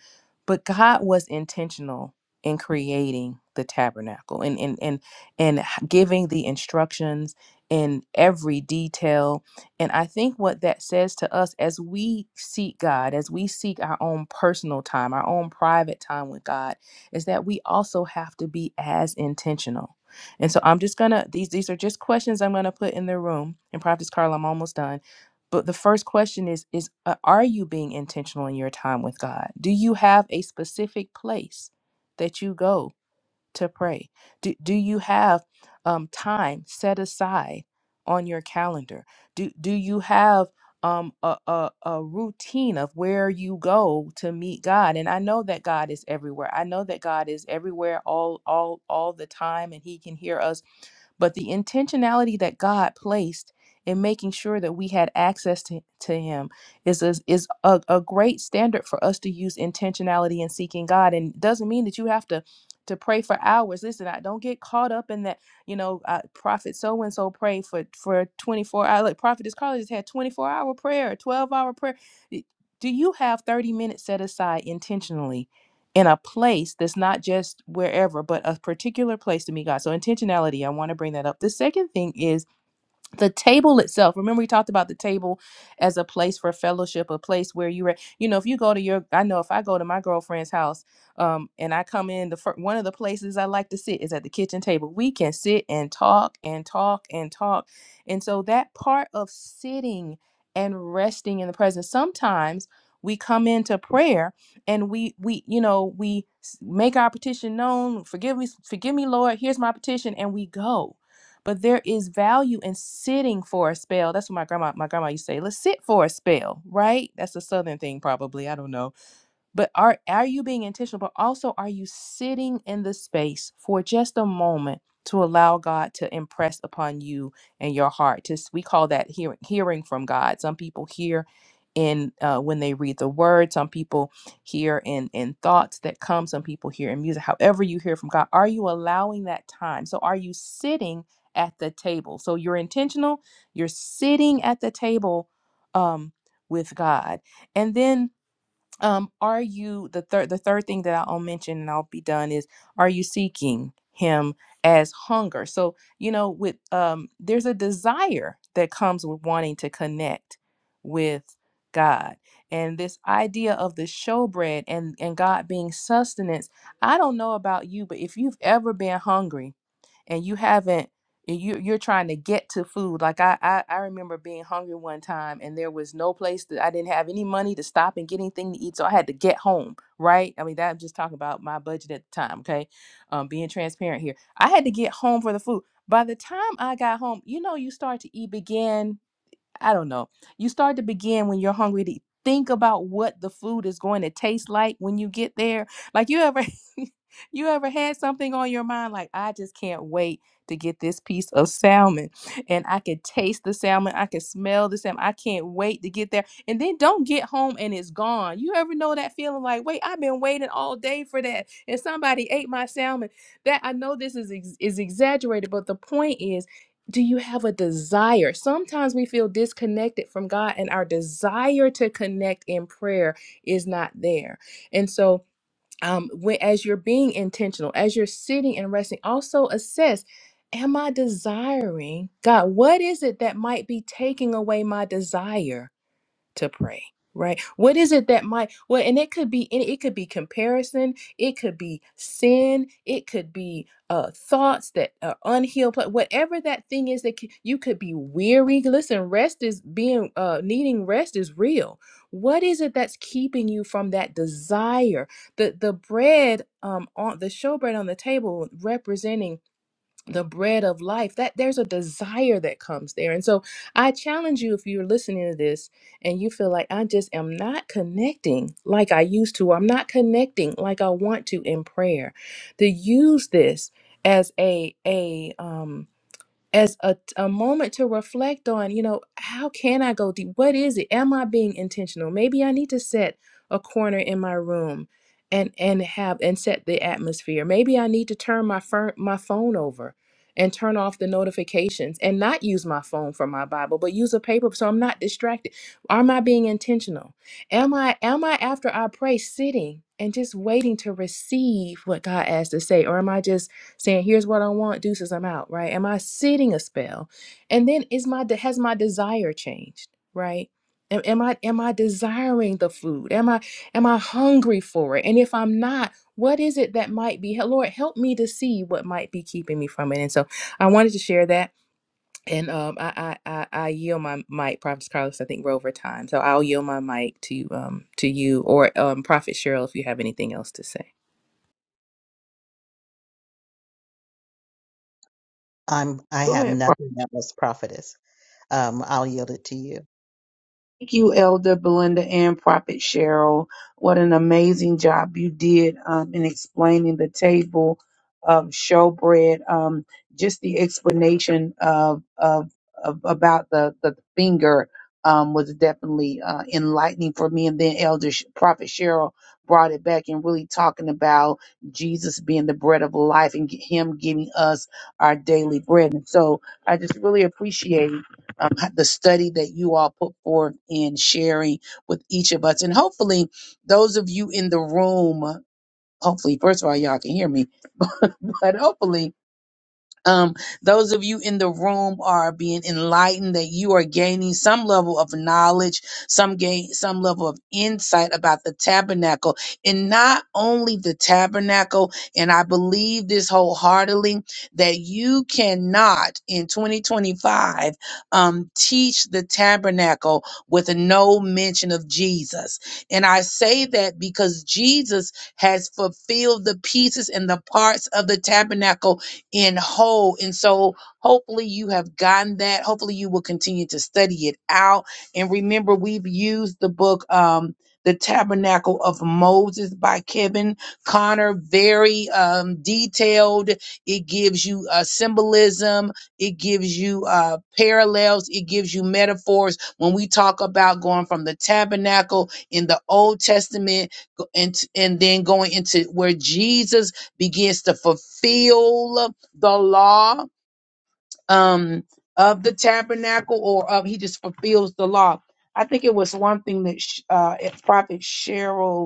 Speaker 3: But God was intentional in creating the tabernacle and and and, and h- giving the instructions in every detail. And I think what that says to us as we seek God, as we seek our own personal time, our own private time with God, is that we also have to be as intentional. And so I'm just gonna these these are just questions I'm gonna put in the room. And Prophet Carl, I'm almost done. But the first question is is uh, are you being intentional in your time with God? Do you have a specific place that you go to pray? Do, do you have um, time set aside on your calendar? Do, do you have um, a, a, a routine of where you go to meet God? And I know that God is everywhere. I know that God is everywhere all, all, all the time, and He can hear us but the intentionality that God placed in making sure that we had access to, to Him is, is, is a, a great standard for us to use intentionality in seeking God. And it doesn't mean that you have to to pray for hours. Listen, I don't get caught up in that, you know, uh, prophet so and so prayed for for 24 hours. Like prophet Carla just had 24 hour prayer, 12 hour prayer. Y- Do you have 30 minutes set aside intentionally in a place that's not just wherever, but a particular place to meet God. So intentionality, I want to bring that up. The second thing is the table itself remember we talked about the table as a place for fellowship a place where you were you know if you go to your i know if i go to my girlfriend's house um and i come in the fir- one of the places i like to sit is at the kitchen table we can sit and talk and talk and talk and so that part of sitting and resting in the presence sometimes we come into prayer and we we you know we s- make our petition known forgive me forgive me lord here's my petition and we go but there is value in sitting for a spell. That's what my grandma my grandma used to say. Let's sit for a spell, right? That's a southern thing probably. I don't know but are are you being intentional but also are you sitting in the space for just a moment to allow god to impress upon you and your heart just we call that hearing hearing from god some people hear in uh, when they read the word some people hear in in thoughts that come some people hear in music however you hear from god are you allowing that time so are you sitting at the table so you're intentional you're sitting at the table um with god and then um are you the third the third thing that i'll mention and i'll be done is are you seeking him as hunger so you know with um there's a desire that comes with wanting to connect with god and this idea of the showbread and and god being sustenance i don't know about you but if you've ever been hungry and you haven't and you you're trying to get to food like I, I i remember being hungry one time and there was no place that i didn't have any money to stop and get anything to eat so i had to get home right i mean that i'm just talking about my budget at the time okay um being transparent here i had to get home for the food by the time i got home you know you start to eat begin I don't know. You start to begin when you're hungry to think about what the food is going to taste like when you get there. Like you ever you ever had something on your mind like I just can't wait to get this piece of salmon and I can taste the salmon, I can smell the salmon. I can't wait to get there. And then don't get home and it's gone. You ever know that feeling like, "Wait, I've been waiting all day for that and somebody ate my salmon. That I know this is is is. exaggerated, but the point is do you have a desire? Sometimes we feel disconnected from God, and our desire to connect in prayer is not there. And so, um, when as you're being intentional, as you're sitting and resting, also assess: Am I desiring God? What is it that might be taking away my desire? to pray right what is it that might well and it could be any- it could be comparison it could be sin it could be uh thoughts that are unhealed but whatever that thing is that c- you could be weary listen rest is being uh needing rest is real what is it that's keeping you from that desire the the bread um on the showbread on the table representing the bread of life that there's a desire that comes there and so i challenge you if you're listening to this and you feel like i just am not connecting like i used to or i'm not connecting like i want to in prayer to use this as a a um as a, a moment to reflect on, you know, how can I go deep? What is it? Am I being intentional? Maybe I need to set a corner in my room and and have and set the atmosphere. Maybe I need to turn my fir- my phone over and turn off the notifications and not use my phone for my Bible, but use a paper so I'm not distracted. Am I being intentional? Am I am I after I pray sitting and just waiting to receive what God has to say or am I just saying here's what i want deuces i'm out right am i sitting a spell and then is my de- has my desire changed right am, am i am i desiring the food am i am i hungry for it and if i'm not what is it that might be Hel- lord help me to see what might be keeping me from it and so i wanted to share that and um, I, I, I I yield my mic, Prophet Carlos. I think we're over time, so I'll yield my mic to um to you or um Prophet Cheryl if you have anything else to say.
Speaker 4: I'm I
Speaker 2: Go
Speaker 4: have
Speaker 2: ahead.
Speaker 4: nothing else, prophetess. Um, I'll yield it to you.
Speaker 2: Thank you, Elder Belinda and Prophet Cheryl. What an amazing job you did um, in explaining the table of showbread. Um, just the explanation of, of, of about the, the finger um, was definitely uh, enlightening for me. And then Elder Sh- Prophet Cheryl brought it back and really talking about Jesus being the bread of life and g- Him giving us our daily bread. And so I just really appreciate um, the study that you all put forth in sharing with each of us. And hopefully, those of you in the room, hopefully, first of all, y'all can hear me, but hopefully, um, those of you in the room are being enlightened that you are gaining some level of knowledge, some gain some level of insight about the tabernacle, and not only the tabernacle. And I believe this wholeheartedly that you cannot in 2025 um, teach the tabernacle with no mention of Jesus. And I say that because Jesus has fulfilled the pieces and the parts of the tabernacle in whole. And so hopefully you have gotten that. Hopefully you will continue to study it out. And remember, we've used the book um The Tabernacle of Moses by Kevin Connor. Very um detailed. It gives you uh symbolism, it gives you uh parallels, it gives you metaphors. When we talk about going from the tabernacle in the Old Testament go- and and then going into where Jesus begins to fulfill the law um, of the tabernacle, or of he just fulfills the law. I think it was one thing that sh- uh, it- Prophet Cheryl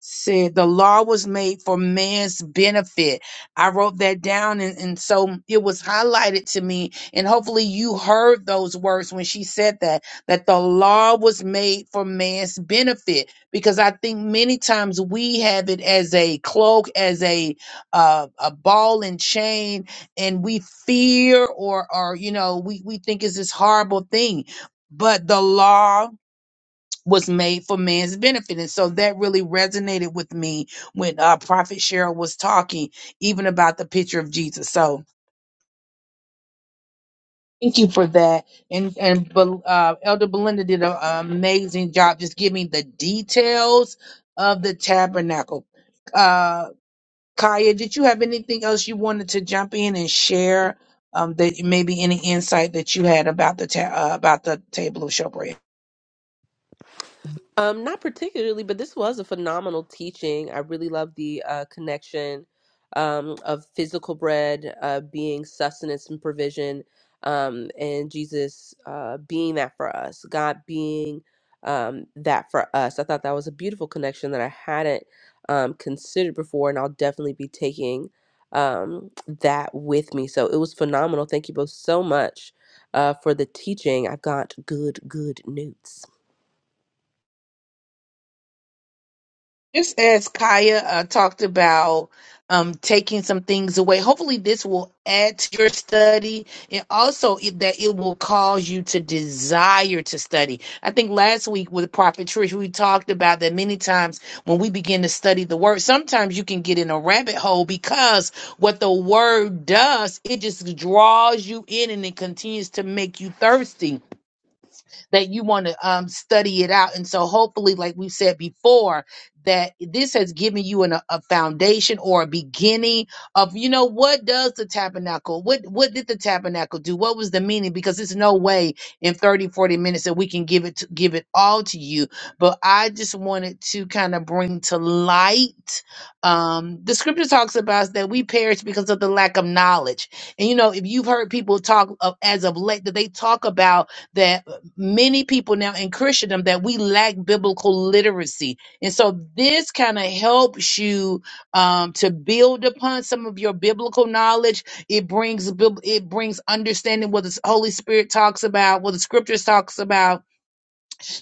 Speaker 2: said the law was made for man's benefit. I wrote that down and, and so it was highlighted to me. And hopefully you heard those words when she said that, that the law was made for man's benefit. Because I think many times we have it as a cloak, as a uh, a ball and chain, and we fear or or you know, we, we think it's this horrible thing. But the law was made for man's benefit. And so that really resonated with me when uh, Prophet Cheryl was talking, even about the picture of Jesus. So thank you for that. And and Bel- uh, Elder Belinda did an amazing job just giving the details of the tabernacle. Uh, Kaya, did you have anything else you wanted to jump in and share? Um, that maybe any insight that you had about the ta- uh, about the table of showbread.
Speaker 5: Um, not particularly, but this was a phenomenal teaching. I really love the uh, connection um, of physical bread uh, being sustenance and provision, um, and Jesus uh, being that for us, God being um, that for us. I thought that was a beautiful connection that I hadn't um, considered before, and I'll definitely be taking um, that with me. So it was phenomenal. Thank you both so much uh, for the teaching. I've got good, good news.
Speaker 2: Just as Kaya uh, talked about um, taking some things away, hopefully this will add to your study and also it, that it will cause you to desire to study. I think last week with Prophet Trish, we talked about that many times when we begin to study the word, sometimes you can get in a rabbit hole because what the word does, it just draws you in and it continues to make you thirsty that you want to um, study it out. And so, hopefully, like we said before, that this has given you an, a foundation or a beginning of, you know, what does the tabernacle, what, what did the tabernacle do? What was the meaning? Because there's no way in 30 40 minutes that we can give it, to, give it all to you. But I just wanted to kind of bring to light, um, the scripture talks about that we perish because of the lack of knowledge. And you know, if you've heard people talk of, as of late, that they talk about that many people now in Christendom that we lack biblical literacy. And so this kind of helps you um, to build upon some of your biblical knowledge. It brings bib- it brings understanding what the Holy Spirit talks about, what the scriptures talks about,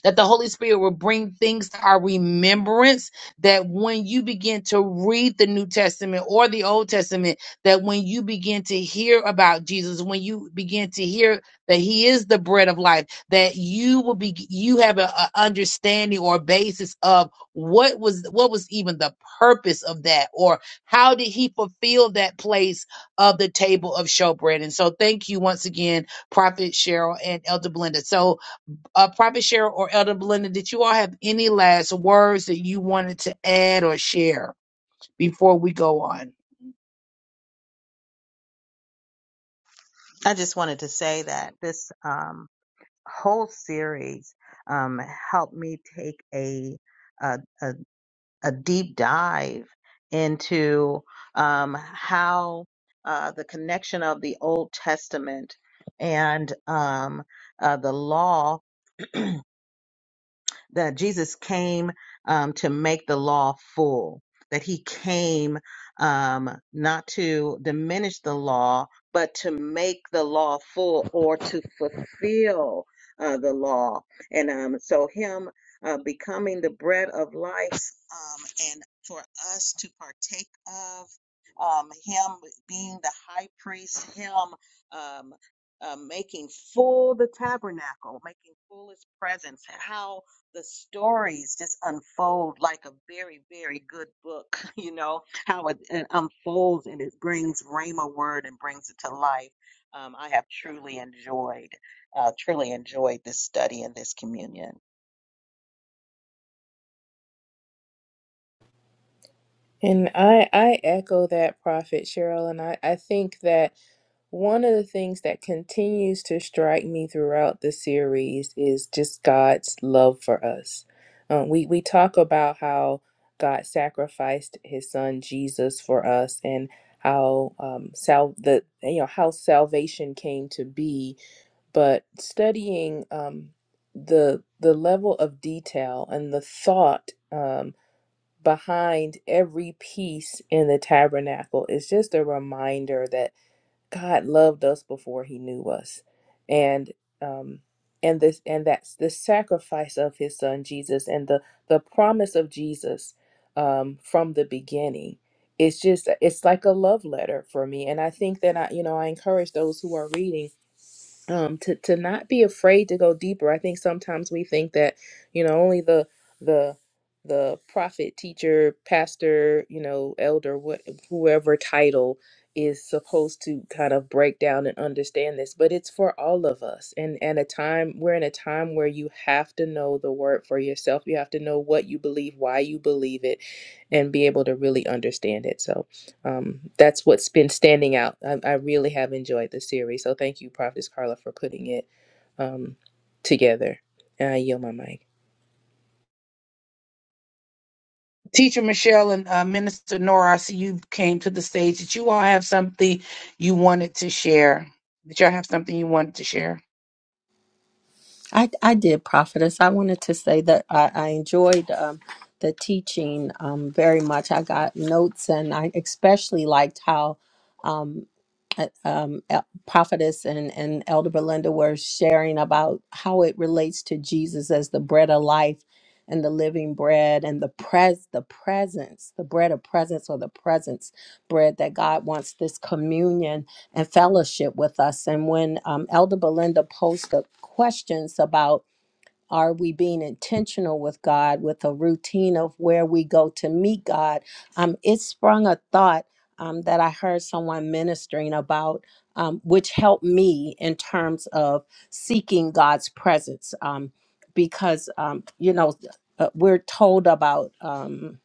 Speaker 2: that the Holy Spirit will bring things to our remembrance. That when you begin to read the New Testament or the Old Testament, that when you begin to hear about Jesus, when you begin to hear that He is the bread of life, that you will be you have an understanding or basis of what was what was even the purpose of that, or how did He fulfill that place of the table of showbread. And so, thank you once again, Prophet Cheryl and Elder Blenda. So uh, Prophet Cheryl or Elder Belinda, did you all have any last words that you wanted to add or share before we go on?
Speaker 4: I just wanted to say that this um, whole series um, helped me take a, a, a deep dive into um, how uh, the connection of the Old Testament and um, uh, the law that Jesus came um, to make the law full, that he came um, not to diminish the law, but to make the law full or to fulfill uh, the law. And um, so, him uh, becoming the bread of life um, and for us to partake of. Um, him being the high priest, him um, uh, making full the tabernacle, making full his presence. How the stories just unfold like a very, very good book, you know, how it, it unfolds and it brings Rhema word and brings it to life. Um, I have truly enjoyed, uh, truly enjoyed this study and this communion.
Speaker 3: And I I echo that prophet Cheryl and I I think that one of the things that continues to strike me throughout the series is just God's love for us. Um, we we talk about how God sacrificed His Son Jesus for us, and how um, sal the you know how salvation came to be. But studying um, the the level of detail and the thought. um, behind every piece in the tabernacle is just a reminder that God loved us before he knew us. And um and this and that's the sacrifice of his son Jesus and the the promise of Jesus um from the beginning. It's just it's like a love letter for me. And I think that I, you know, I encourage those who are reading um to to not be afraid to go deeper i think sometimes we think that you know only the the the prophet teacher pastor you know elder what whoever title is supposed to kind of break down and understand this but it's for all of us and and a time we're in a time where you have to know the word for yourself you have to know what you believe why you believe it and be able to really understand it so um, that's what's been standing out. I, I really have enjoyed the series. So thank you, Prophetess Carla, for putting it um, together. And I yield my mic.
Speaker 2: Teacher Michelle and uh, Minister Nora, I see you came to the stage. Did you all have something you wanted to share? Did y'all have something you wanted to share?
Speaker 1: I, I did, prophetess. I wanted to say that I, I enjoyed um, the teaching um, very much. I got notes, and I especially liked how um, uh, um, El- prophetess and, and Elder Belinda were sharing about how it relates to Jesus as the bread of life and the living bread and the pres the presence, the bread of presence or the presence bread that God wants this communion and fellowship with us. And when um, Elder Belinda posed the questions about are we being intentional with God with a routine of where we go to meet God, um, it sprung a thought um, that I heard someone ministering about, um, which helped me in terms of seeking God's presence. Um, because, um, you know, uh, we're told about. Um,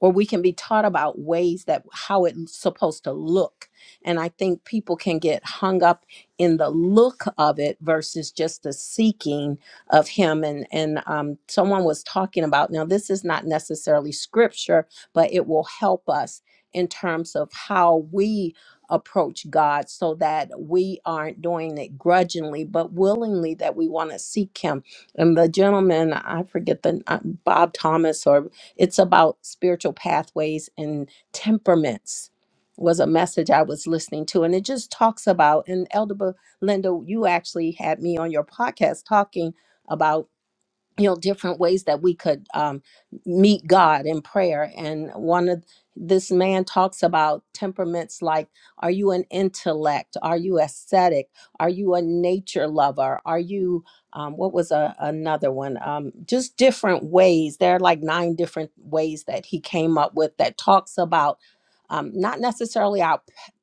Speaker 1: or we can be taught about ways that how it's supposed to look and i think people can get hung up in the look of it versus just the seeking of him and and um, someone was talking about now this is not necessarily scripture but it will help us in terms of how we approach god so that we aren't doing it grudgingly but willingly that we want to seek him and the gentleman i forget the uh, bob thomas or. It's about spiritual pathways and temperaments was a message I was listening to. And it just talks about, and Elder Belinda, you actually had me on your podcast talking about you know different ways that we could um, meet god in prayer and one of this man talks about temperaments like are you an intellect are you aesthetic are you a nature lover are you um, what was a, another one um, just different ways there are like nine different ways that he came up with that talks about um, not necessarily our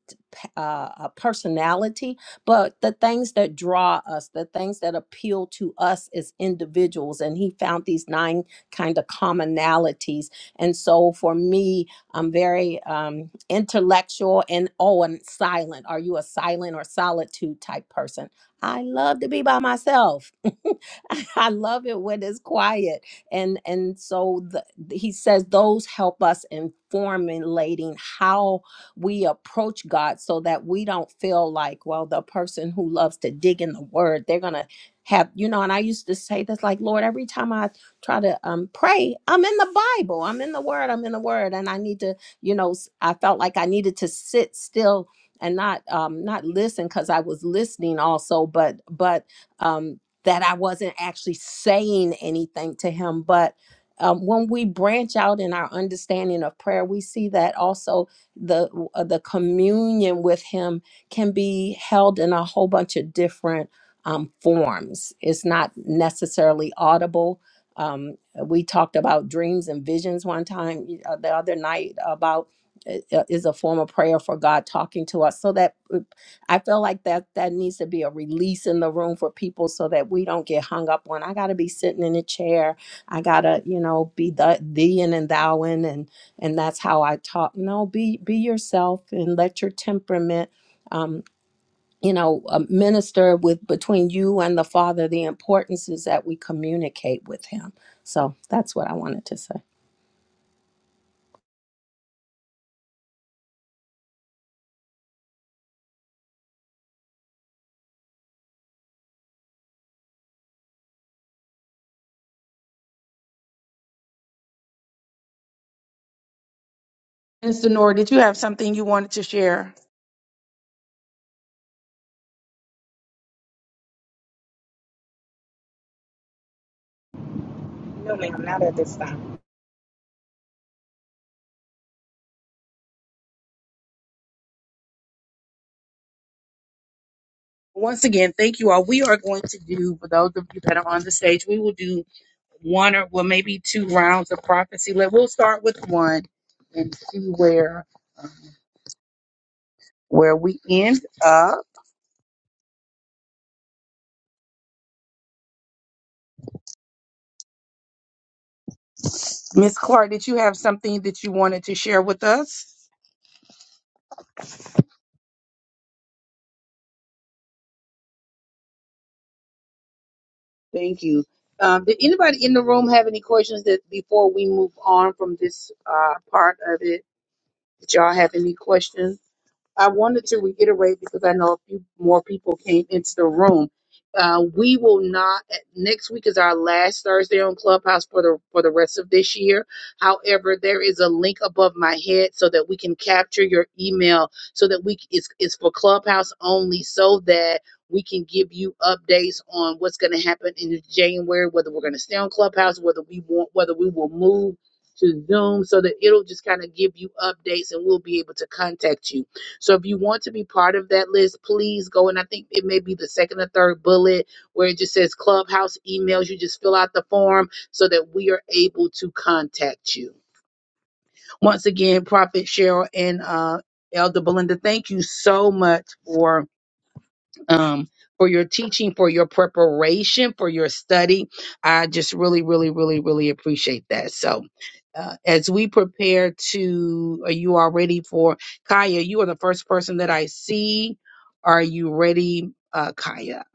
Speaker 1: p- p- uh, uh, personality but the things that draw us, the things that appeal to us as individuals. And he found these nine kind of commonalities. And so for me, I'm very um, intellectual and oh, and silent. Are you a silent or solitude type person? I love to be by myself. I love it when it's quiet. And and so the, he says those help us in formulating how we approach God so that we don't feel like, well, the person who loves to dig in the word, they're going to have, you know, and I used to say this like, Lord, every time I try to um, pray, I'm in the Bible, I'm in the word, I'm in the word. And I need to, you know, s- I felt like I needed to sit still and not um not listen because i was listening also but but um that i wasn't actually saying anything to him but um, when we branch out in our understanding of prayer, we see that also the uh, the communion with him can be held in a whole bunch of different um, forms. It's not necessarily audible. Um, we talked about dreams and visions one time uh, the other night about uh, uh, is a form of prayer for God talking to us. So that uh, I feel like that that needs to be a release in the room for people so that we don't get hung up on I got to be sitting in a chair. I got to, you know, be the thee and, and thou in," and and that's how I talk. No, be be yourself and let your temperament. Um, you know, uh, minister with between you and the Father. The importance is that we communicate with Him. So that's what I wanted to say.
Speaker 2: Minister Nora, did you have something you wanted to share?
Speaker 6: No, ma'am, not at this time.
Speaker 2: Once again, thank you all. We are going to do, for those of you that are on the stage, we will do one or well, maybe two rounds of prophecy. Let- We'll start with one and see where. where we end up. Miss Clark, did you have something that you wanted to share with us? Thank you. Um, did anybody in the room have any questions that before we move on from this uh, part of it? Did y'all have any questions? I wanted to reiterate because I know a few more people came into the room. Uh, we will not. Next week is our last Thursday on Clubhouse for the for the rest of this year. However, there is a link above my head so that we can capture your email so that we c- it's it's for Clubhouse only so that we can give you updates on what's going to happen in January, whether we're going to stay on Clubhouse, whether we want whether we will move to Zoom so that it'll just kind of give you updates and we'll be able to contact you so if you want to be part of that list, please go. And I think it may be the second or third bullet where it just says clubhouse emails. You just fill out the form so that we are able to contact you. Once again, Prophet Cheryl and uh, Elder Belinda, thank you so much for um, for your teaching, for your preparation, for your study. I just really, really, really, really appreciate that. So, uh, as we prepare to, are you all ready for Kaya? You are the first person that I see. Are you ready, uh, Kaya?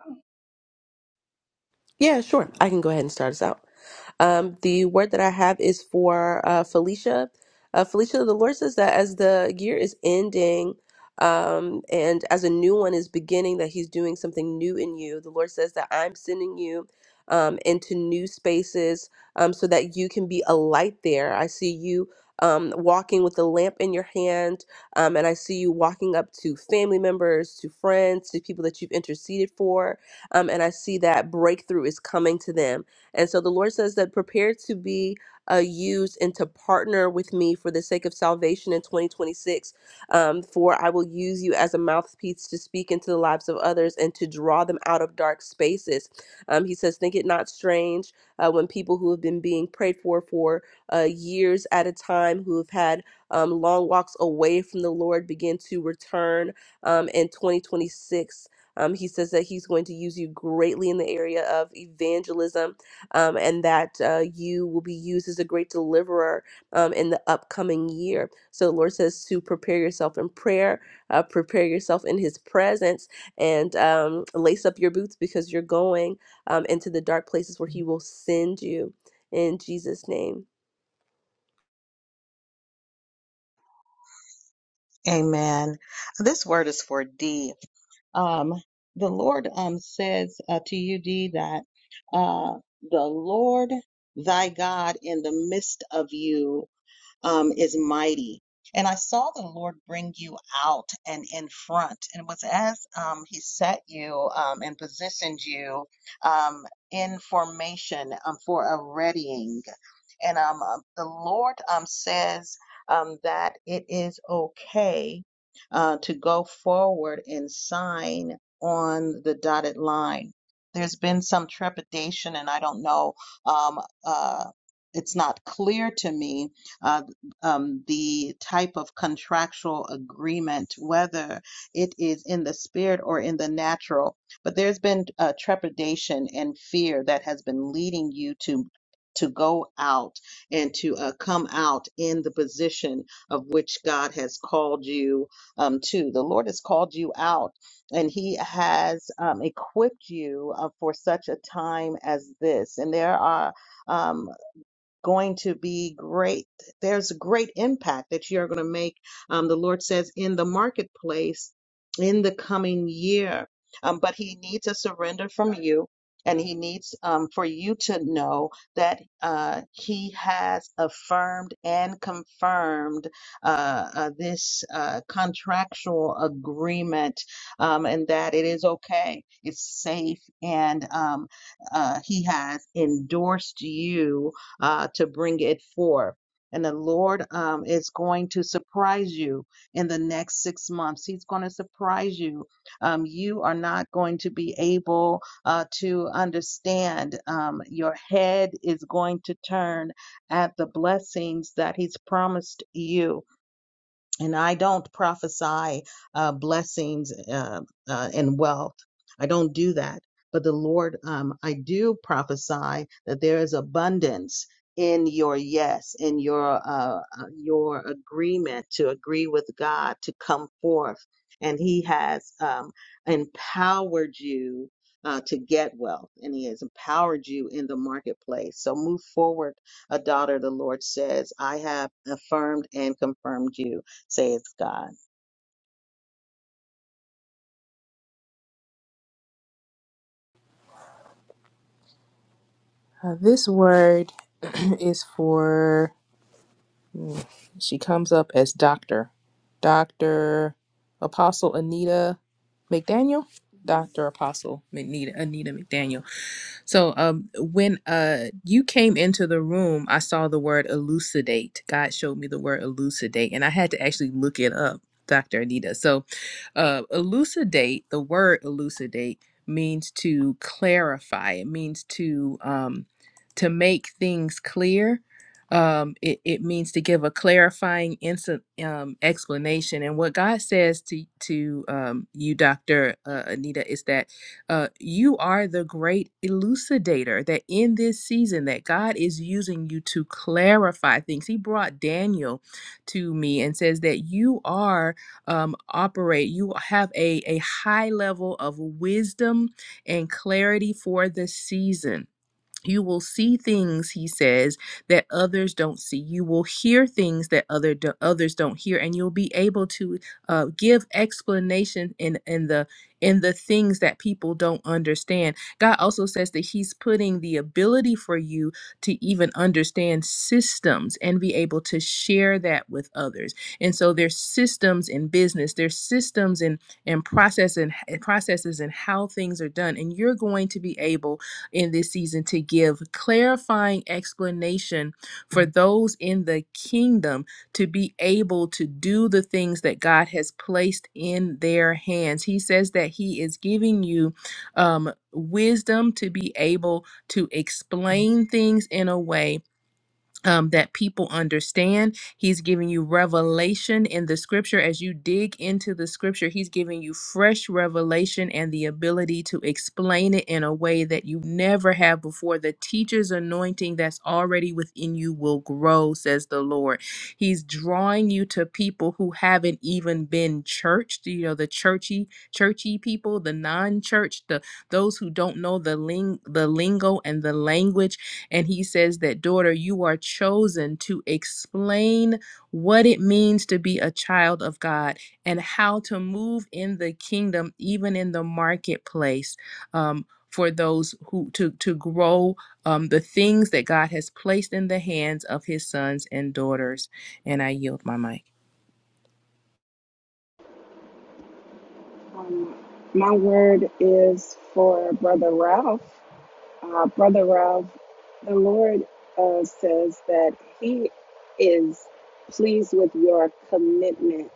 Speaker 5: Yeah, sure. I can go ahead and start us out. Um, the word that I have is for uh, Felicia. Uh, Felicia, the Lord says that as the year is ending um, and as a new one is beginning, that He's doing something new in you. The Lord says that I'm sending you um, into new spaces um, so that you can be a light there. I see you. Um, walking with a lamp in your hand, um, and I see you walking up to family members, to friends, to people that you've interceded for, um, and I see that breakthrough is coming to them. And so the Lord says that prepare to be uh, used and to partner with me for the sake of salvation in 2026. Um, for I will use you as a mouthpiece to speak into the lives of others and to draw them out of dark spaces. Um, he says, Think it not strange uh, when people who have been being prayed for for uh, years at a time, who have had um, long walks away from the Lord, begin to return um, in 2026. Um, he says that he's going to use you greatly in the area of evangelism um, and that uh, you will be used as a great deliverer um, in the upcoming year. So the Lord says to prepare yourself in prayer, uh, prepare yourself in his presence, and um, lace up your boots because you're going um, into the dark places where he will send you in Jesus' name.
Speaker 4: Amen. This word is for D. Um, the Lord um, says uh, to you, D, that uh, the Lord thy God in the midst of you. um, is mighty. And I saw the Lord bring you out and in front. And it was as um, He set you um, and positioned you um, in formation um, for a readying. And um, uh, the Lord um, says um, that it is okay uh, to go forward and sign on the dotted line. There's been some trepidation, and I don't know. Um, uh, it's not clear to me uh, um, the type of contractual agreement, whether it is in the spirit or in the natural. But there's been uh, trepidation and fear that has been leading you to to go out and to uh, come out in the position of which God has called you um, to. The Lord has called you out, and He has um, equipped you uh, for such a time as this. And there are. um, going to be great. There's a great impact that you are going to make. Um, the Lord says in the marketplace in the coming year. Um, but He needs a surrender from you, and He needs um, for you to know that uh, He has affirmed and confirmed uh, uh, this uh, contractual agreement, um, and that it is okay, it's safe, and um, uh, He has endorsed you uh, to bring it forth. And the Lord um, is going to surprise you in the next six months. He's going to surprise you. Um, you are not going to be able uh, to understand. Um, your head is going to turn at the blessings that He's promised you and I don't prophesy uh, blessings uh, uh, and wealth. I don't do that. But the Lord, um, I do prophesy that there is abundance in your yes, in your uh, uh, your agreement to agree with God to come forth, and He has um, empowered you. Uh, to get wealth, and he has empowered you in the marketplace. So move forward, a daughter, the Lord says, I have affirmed and confirmed you say it's God.
Speaker 3: Uh, this word is for, she comes up as Dr. Dr. Apostle Anita McDaniel. Dr. Apostle Anita, Anita McDaniel. So um, when uh, you came into the room, I saw the word elucidate. God showed me the word elucidate, and I had to actually look it up, Dr. Anita. So uh, elucidate, the word elucidate means to clarify. It means to um, to make things clear. Um, it, it means to give a clarifying instant um, explanation. And what God says to to um, you, Doctor uh, Anita, is that uh, you are the great elucidator that in this season that god is using you to clarify things he brought daniel to me and says that you are um, operate. You have a, a high level of wisdom and clarity for this season. You will see things, he says, that others don't see. You will hear things that other do- others don't hear, and you'll be able to uh, give explanation in in the in the things that people don't understand. God also says that He's putting the ability for you to even understand systems and be able to share that with others. And so there's systems in business, there's systems in and process and processes and how things are done, and you're going to be able in this season to give clarifying explanation for those in the kingdom to be able to do the things that God has placed in their hands. He says that He is giving you um, wisdom to be able to explain things in a way um, that people understand. He's giving you revelation in the scripture. As you dig into the scripture, he's giving you fresh revelation and the ability to explain it in a way that you never have before. The teacher's anointing that's already within you will grow, says the Lord. He's drawing you to people who haven't even been churched, you know, the churchy, churchy people, the non-church, the those who don't know the ling the lingo and the language and he says that, daughter, you are chosen to explain what it means to be a child of God and how to move in the kingdom, even in the marketplace. Um, for those who to to grow um, the things that God has placed in the hands of His sons and daughters, and I yield my mic.
Speaker 6: Um, my word is for Brother Ralph. Uh, Brother Ralph, the Lord uh, says that He is pleased with your commitment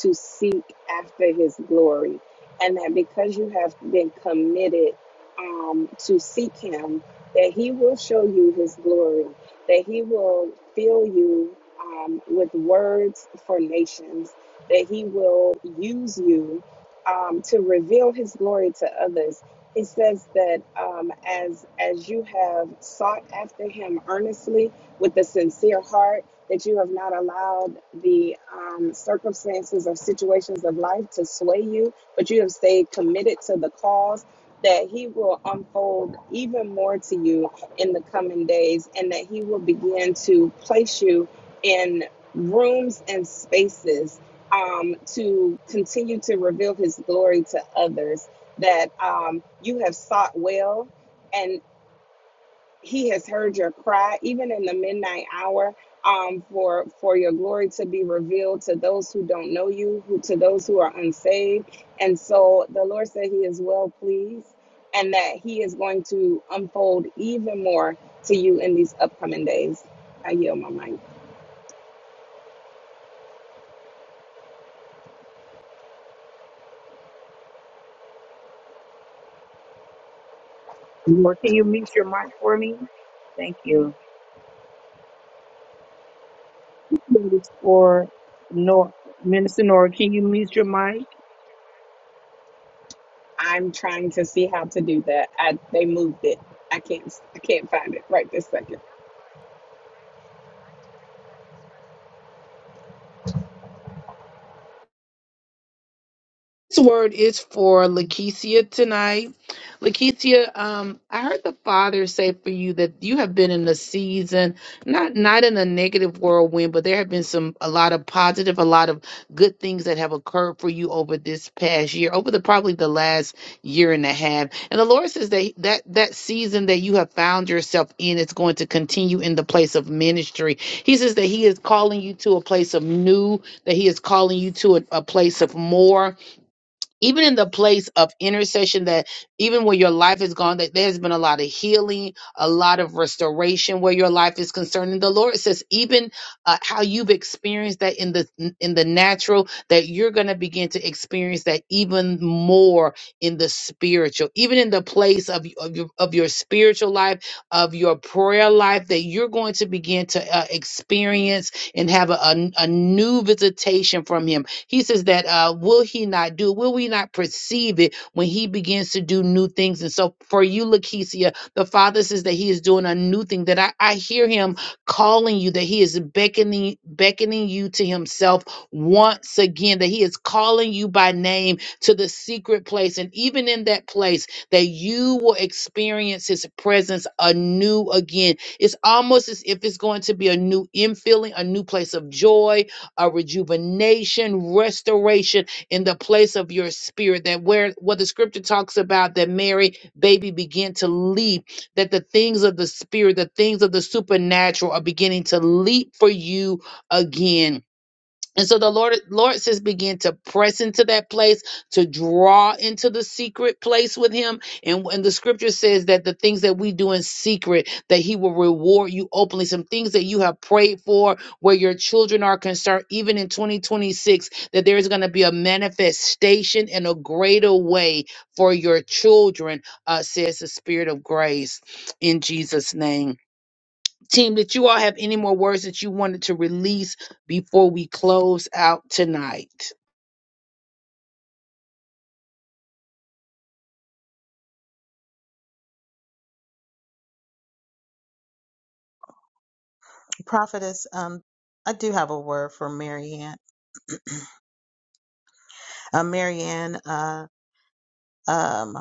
Speaker 6: to seek after His glory, and that because you have been committed um, to seek Him, that He will show you His glory, that He will fill you um, with words for nations, that He will use you um, to reveal His glory to others it says that um, as as you have sought after him earnestly with a sincere heart that you have not allowed the um, circumstances or situations of life to sway you but you have stayed committed to the cause that he will unfold even more to you in the coming days and that he will begin to place you in rooms and spaces um, to continue to reveal his glory to others that um, you have sought well and he has heard your cry even in the midnight hour um, for for your glory to be revealed to those who don't know you who, to those who are unsaved and so the lord said he is well pleased and that he is going to unfold even more to you in these upcoming days i yield my mind
Speaker 2: Or Can you mute your mic for me? Thank you. Or, Nor, Minister Nora, can you mute your mic?
Speaker 6: i'm trying to see how to do that i they moved it i can't i can't find it right this second
Speaker 2: This word is for Lakeisha tonight. Lakeisha, um, I heard the Father say for you that you have been in a season, not not in a negative whirlwind, but there have been some a lot of positive, a lot of good things that have occurred for you over this past year, over the probably the last year and a half. And the Lord says that that that season that you have found yourself in is going to continue in the place of ministry. He says that He is calling you to a place of new, that He is calling you to a, a place of more even in the place of intercession that even where your life is gone that there's been a lot of healing a lot of restoration where your life is concerned and the lord says even uh, how you've experienced that in the in the natural that you're going to begin to experience that even more in the spiritual even in the place of, of your of your spiritual life of your prayer life that you're going to begin to uh, experience and have a, a a new visitation from him he says that uh, will he not do? Will we not perceive it when he begins to do new things? And so for you, Lakeisha, the Father says that he is doing a new thing. That I, I hear him calling you. That he is beckoning beckoning you to himself once again. That he is calling you by name to the secret place, and even in that place, that you will experience his presence anew again. It's almost as if it's going to be a new infilling, a new place of joy, a rejuvenation, restoration in the place of your spirit. That where what the scripture talks about that Mary baby began to leap, that the things of the spirit, the things of the supernatural are beginning to leap for you again and so the Lord, Lord says, begin to press into that place, to draw into the secret place with Him. And when the Scripture says that the things that we do in secret, that He will reward you openly. Some things that you have prayed for, where your children are concerned, even in 2026, that there is going to be a manifestation in a greater way for your children, uh, says the Spirit of grace, in Jesus' name. Team, did you all have any more words that you wanted to release before we close out tonight?
Speaker 4: Prophetess, um, I do have a word for Marianne. Uh, Marianne, uh, um,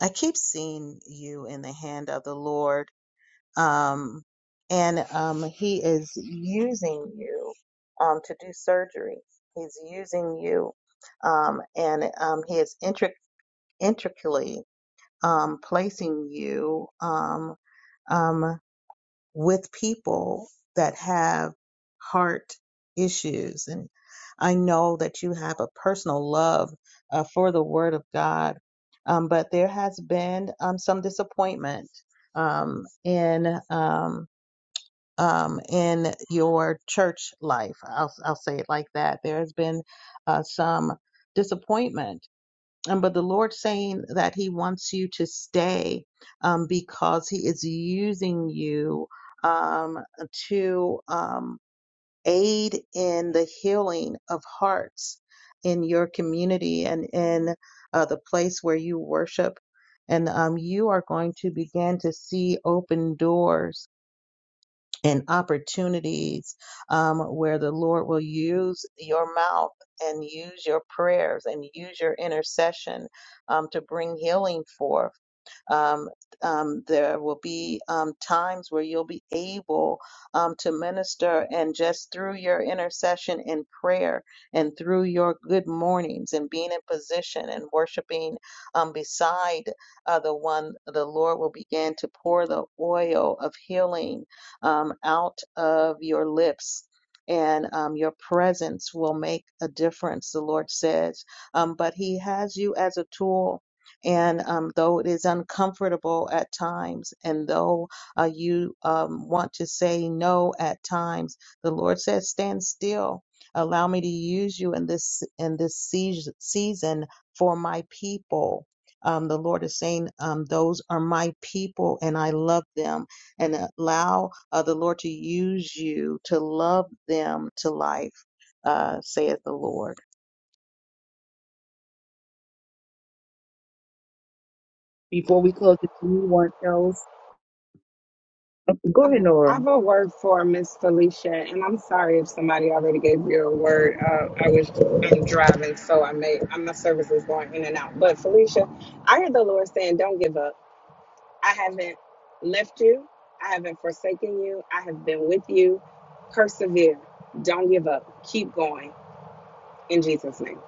Speaker 4: I keep seeing you in the hand of the Lord, um, and um, He is using you um, to do surgery. He's using you, um, and um, He is intric- intricately um, placing you um, um, with people that have heart issues. And I know that you have a personal love uh, for the Word of God, um, but there has been um, some disappointment um, in. Um, um, in your church life, I'll, I'll say it like that. There has been uh, some disappointment and but the Lord saying that He wants you to stay um, because He is using you um, to um, aid in the healing of hearts in your community and in uh, the place where you worship. And um, you are going to begin to see open doors and opportunities um, where the Lord will use your mouth and use your prayers and use your intercession um, to bring healing forth um, um, there will be um, times where you'll be able um, to minister, and just through your intercession and prayer, and through your good mornings, and being in position and worshiping um, beside uh, the one, the Lord will begin to pour the oil of healing um, out of your lips. And um, your presence will make a difference, the Lord says. Um, but He has you as a tool and um, though it is uncomfortable at times, and though uh, you um, want to say no at times, the Lord says, "Stand still. Allow me to use you in this in this seas- season for my people." Um, the Lord is saying, um, "Those are my people, and I love them." And allow uh, the Lord to use you to love them to life, uh, saith the Lord.
Speaker 2: Before we close, if anyone else, oh, go
Speaker 6: Okay.
Speaker 2: ahead,
Speaker 6: I
Speaker 2: Nora.
Speaker 6: have a word for Miss Felicia, and I'm sorry if somebody already gave you a word. Uh, I was I'm driving, so I may I- my service is going in and out. But Felicia, I heard the Lord saying, "Don't give up. I haven't left you. I haven't forsaken you. I have been with you. Persevere. Don't give up. Keep going." In Jesus' name.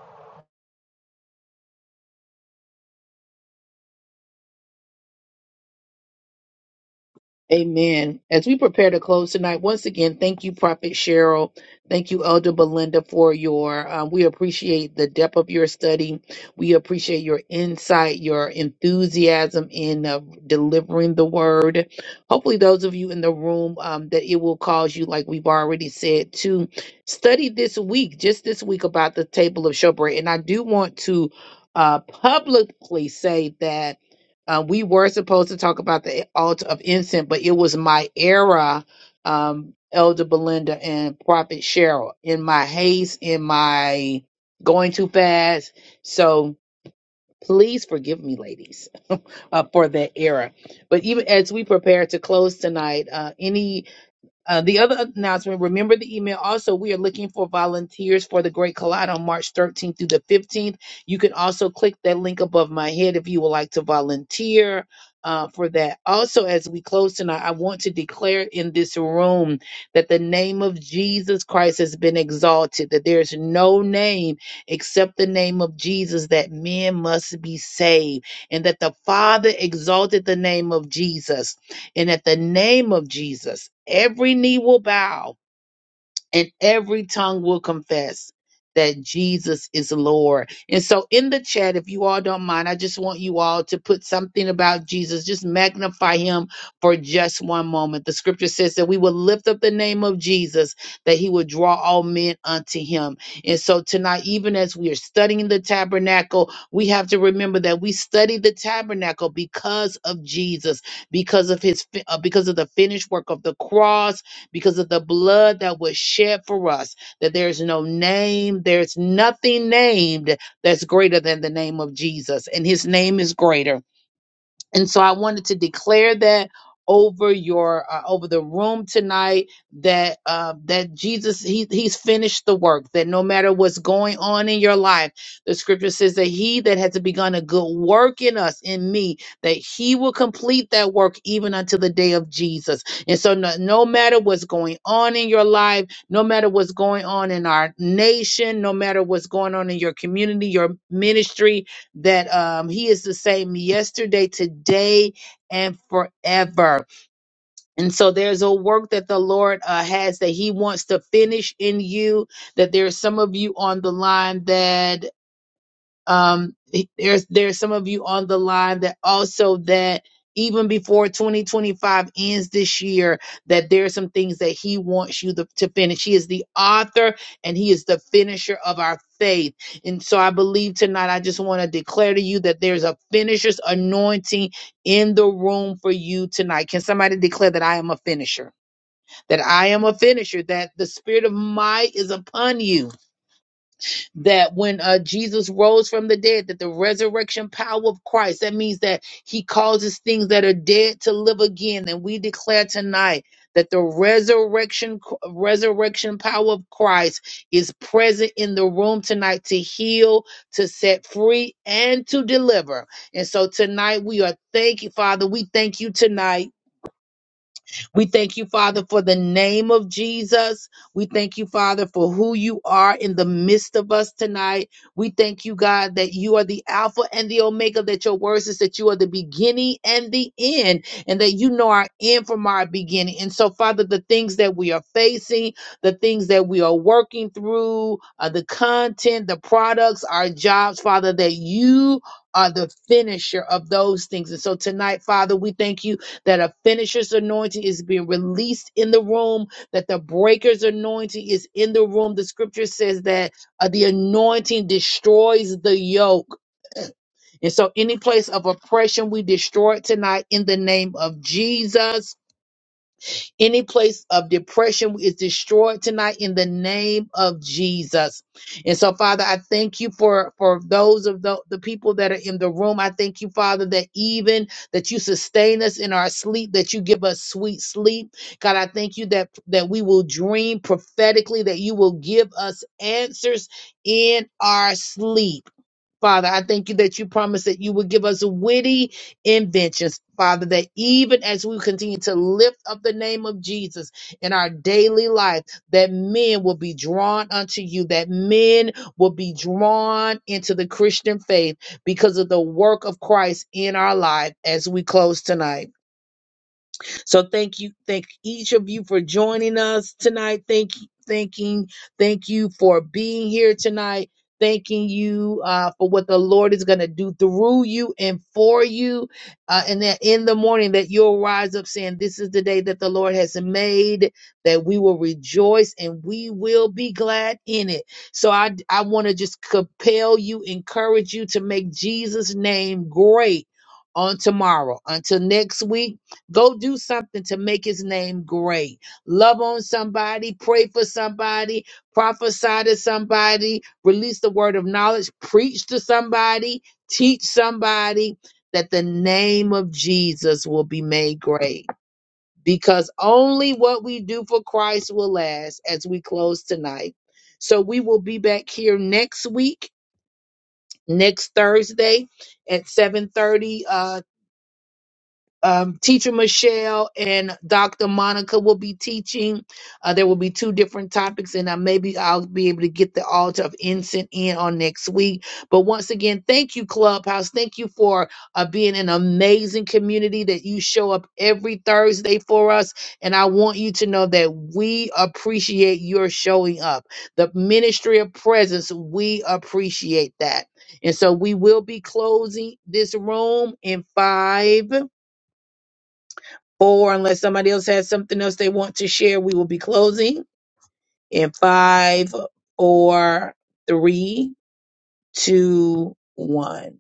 Speaker 2: Amen. As we prepare to close tonight, once again, thank you, Prophet Cheryl. Thank you, Elder Belinda, for your. Um, we appreciate the depth of your study. We appreciate your insight, your enthusiasm in uh, delivering the word. Hopefully, those of you in the room, um, that it will cause you, like we've already said, to study this week, just this week, about the table of showbread. And I do want to uh, publicly say that. Uh, we were supposed to talk about the altar of incense, but it was my era, um, Elder Belinda and Prophet Cheryl, in my haste, in my going too fast. So please forgive me, ladies, uh, for that era. But even as we prepare to close tonight, uh, any uh, the other announcement, remember the email. Also, we are looking for volunteers for the Great Collide on March 13th through the 15th. You can also click that link above my head if you would like to volunteer uh, for that. Also, as we close tonight, I want to declare in this room that the name of Jesus Christ has been exalted, that there's no name except the name of Jesus that men must be saved, and that the Father exalted the name of Jesus and at the name of Jesus, every knee will bow and every tongue will confess that Jesus is Lord. And so in the chat, if you all don't mind, I just want you all to put something about Jesus. Just magnify him for just one moment. The scripture says that we will lift up the name of Jesus, that he will draw all men unto him. And so tonight, even as we are studying the tabernacle, we have to remember that we study the tabernacle because of Jesus, because of his, fi- uh, because of the finished work of the cross, because of the blood that was shed for us, that there is no name, there's nothing named that's greater than the name of Jesus, and his name is greater and so I wanted to declare that over your uh, over the room tonight that uh, that Jesus he he's finished the work that no matter what's going on in your life the scripture says that he that has begun a good work in us in me that he will complete that work even until the day of Jesus and so no, no matter what's going on in your life no matter what's going on in our nation no matter what's going on in your community your ministry that um, he is the same yesterday, today, and forever. And so there's a work that the Lord uh, has that he wants to finish in you. That there's some of you on the line that um there's there's some of you on the line that also that even before 2025 ends this year that there are some things that he wants you to, to finish he is the author and he is the finisher of our faith and so i believe tonight i just want to declare to you that there's a finisher's anointing in the room for you tonight can somebody declare that i am a finisher that i am a finisher that the spirit of might is upon you that when uh, Jesus rose from the dead, that the resurrection power of Christ, that means that he causes things that are dead to live again. And we declare tonight that the resurrection resurrection power of Christ is present in the room tonight to heal, to set free, and to deliver. And so tonight we are thank you, Father. We thank you tonight we thank you, Father, for the name of Jesus. We thank you, Father, for who you are in the midst of us tonight. We thank you, God, that you are the Alpha and the Omega, that your word is that you are the beginning and the end, and that you know our end from our beginning. And so, Father, the things that we are facing, the things that we are working through, uh, the content, the products, our jobs, Father, that you are the finisher of those things. And so tonight, Father, we thank you that a finisher's anointing is being released in the room, that the breaker's anointing is in the room. The scripture says that uh, the anointing destroys the yoke. And so, any place of oppression, we destroy it tonight in the name of Jesus. Any place of depression is destroyed tonight in the name of Jesus. And so, Father, I thank you for for those of the, the people that are in the room. I thank you, Father, that even that you sustain us in our sleep, that you give us sweet sleep. God, I thank you that that we will dream prophetically, that you will give us answers in our sleep. Father, I thank you that you promised that you would give us witty inventions, Father, that even as we continue to lift up the name of Jesus in our daily life, that men will be drawn unto you, that men will be drawn into the Christian faith because of the work of Christ in our life as we close tonight. So thank you, thank each of you for joining us tonight. Thank you, thanking, thank you for being here tonight. Thanking you uh, for what the Lord is going to do through you and for you. Uh, and that in the morning that you'll rise up saying, This is the day that the Lord has made, that we will rejoice and we will be glad in it. So I, I want to just compel you, encourage you to make Jesus' name great on tomorrow. Until next week. Go do something to make his name great. Love on somebody, pray for somebody, prophesy to somebody, release the word of knowledge, preach to somebody, teach somebody that the name of Jesus will be made great. Because only what we do for Christ will last as we close tonight. So we will be back here next week, next Thursday at 7:30 um, teacher Michelle and Dr. Monica will be teaching. Uh, there will be two different topics, and I, maybe I'll be able to get the altar of incense in on next week. But once again, thank you, Clubhouse. Thank you for uh, being an amazing community that you show up every Thursday for us. And I want you to know that we appreciate your showing up. The ministry of presence, we appreciate that. And so we will be closing this room in five or unless somebody else has something else they want to share, we will be closing in five or three, two, one.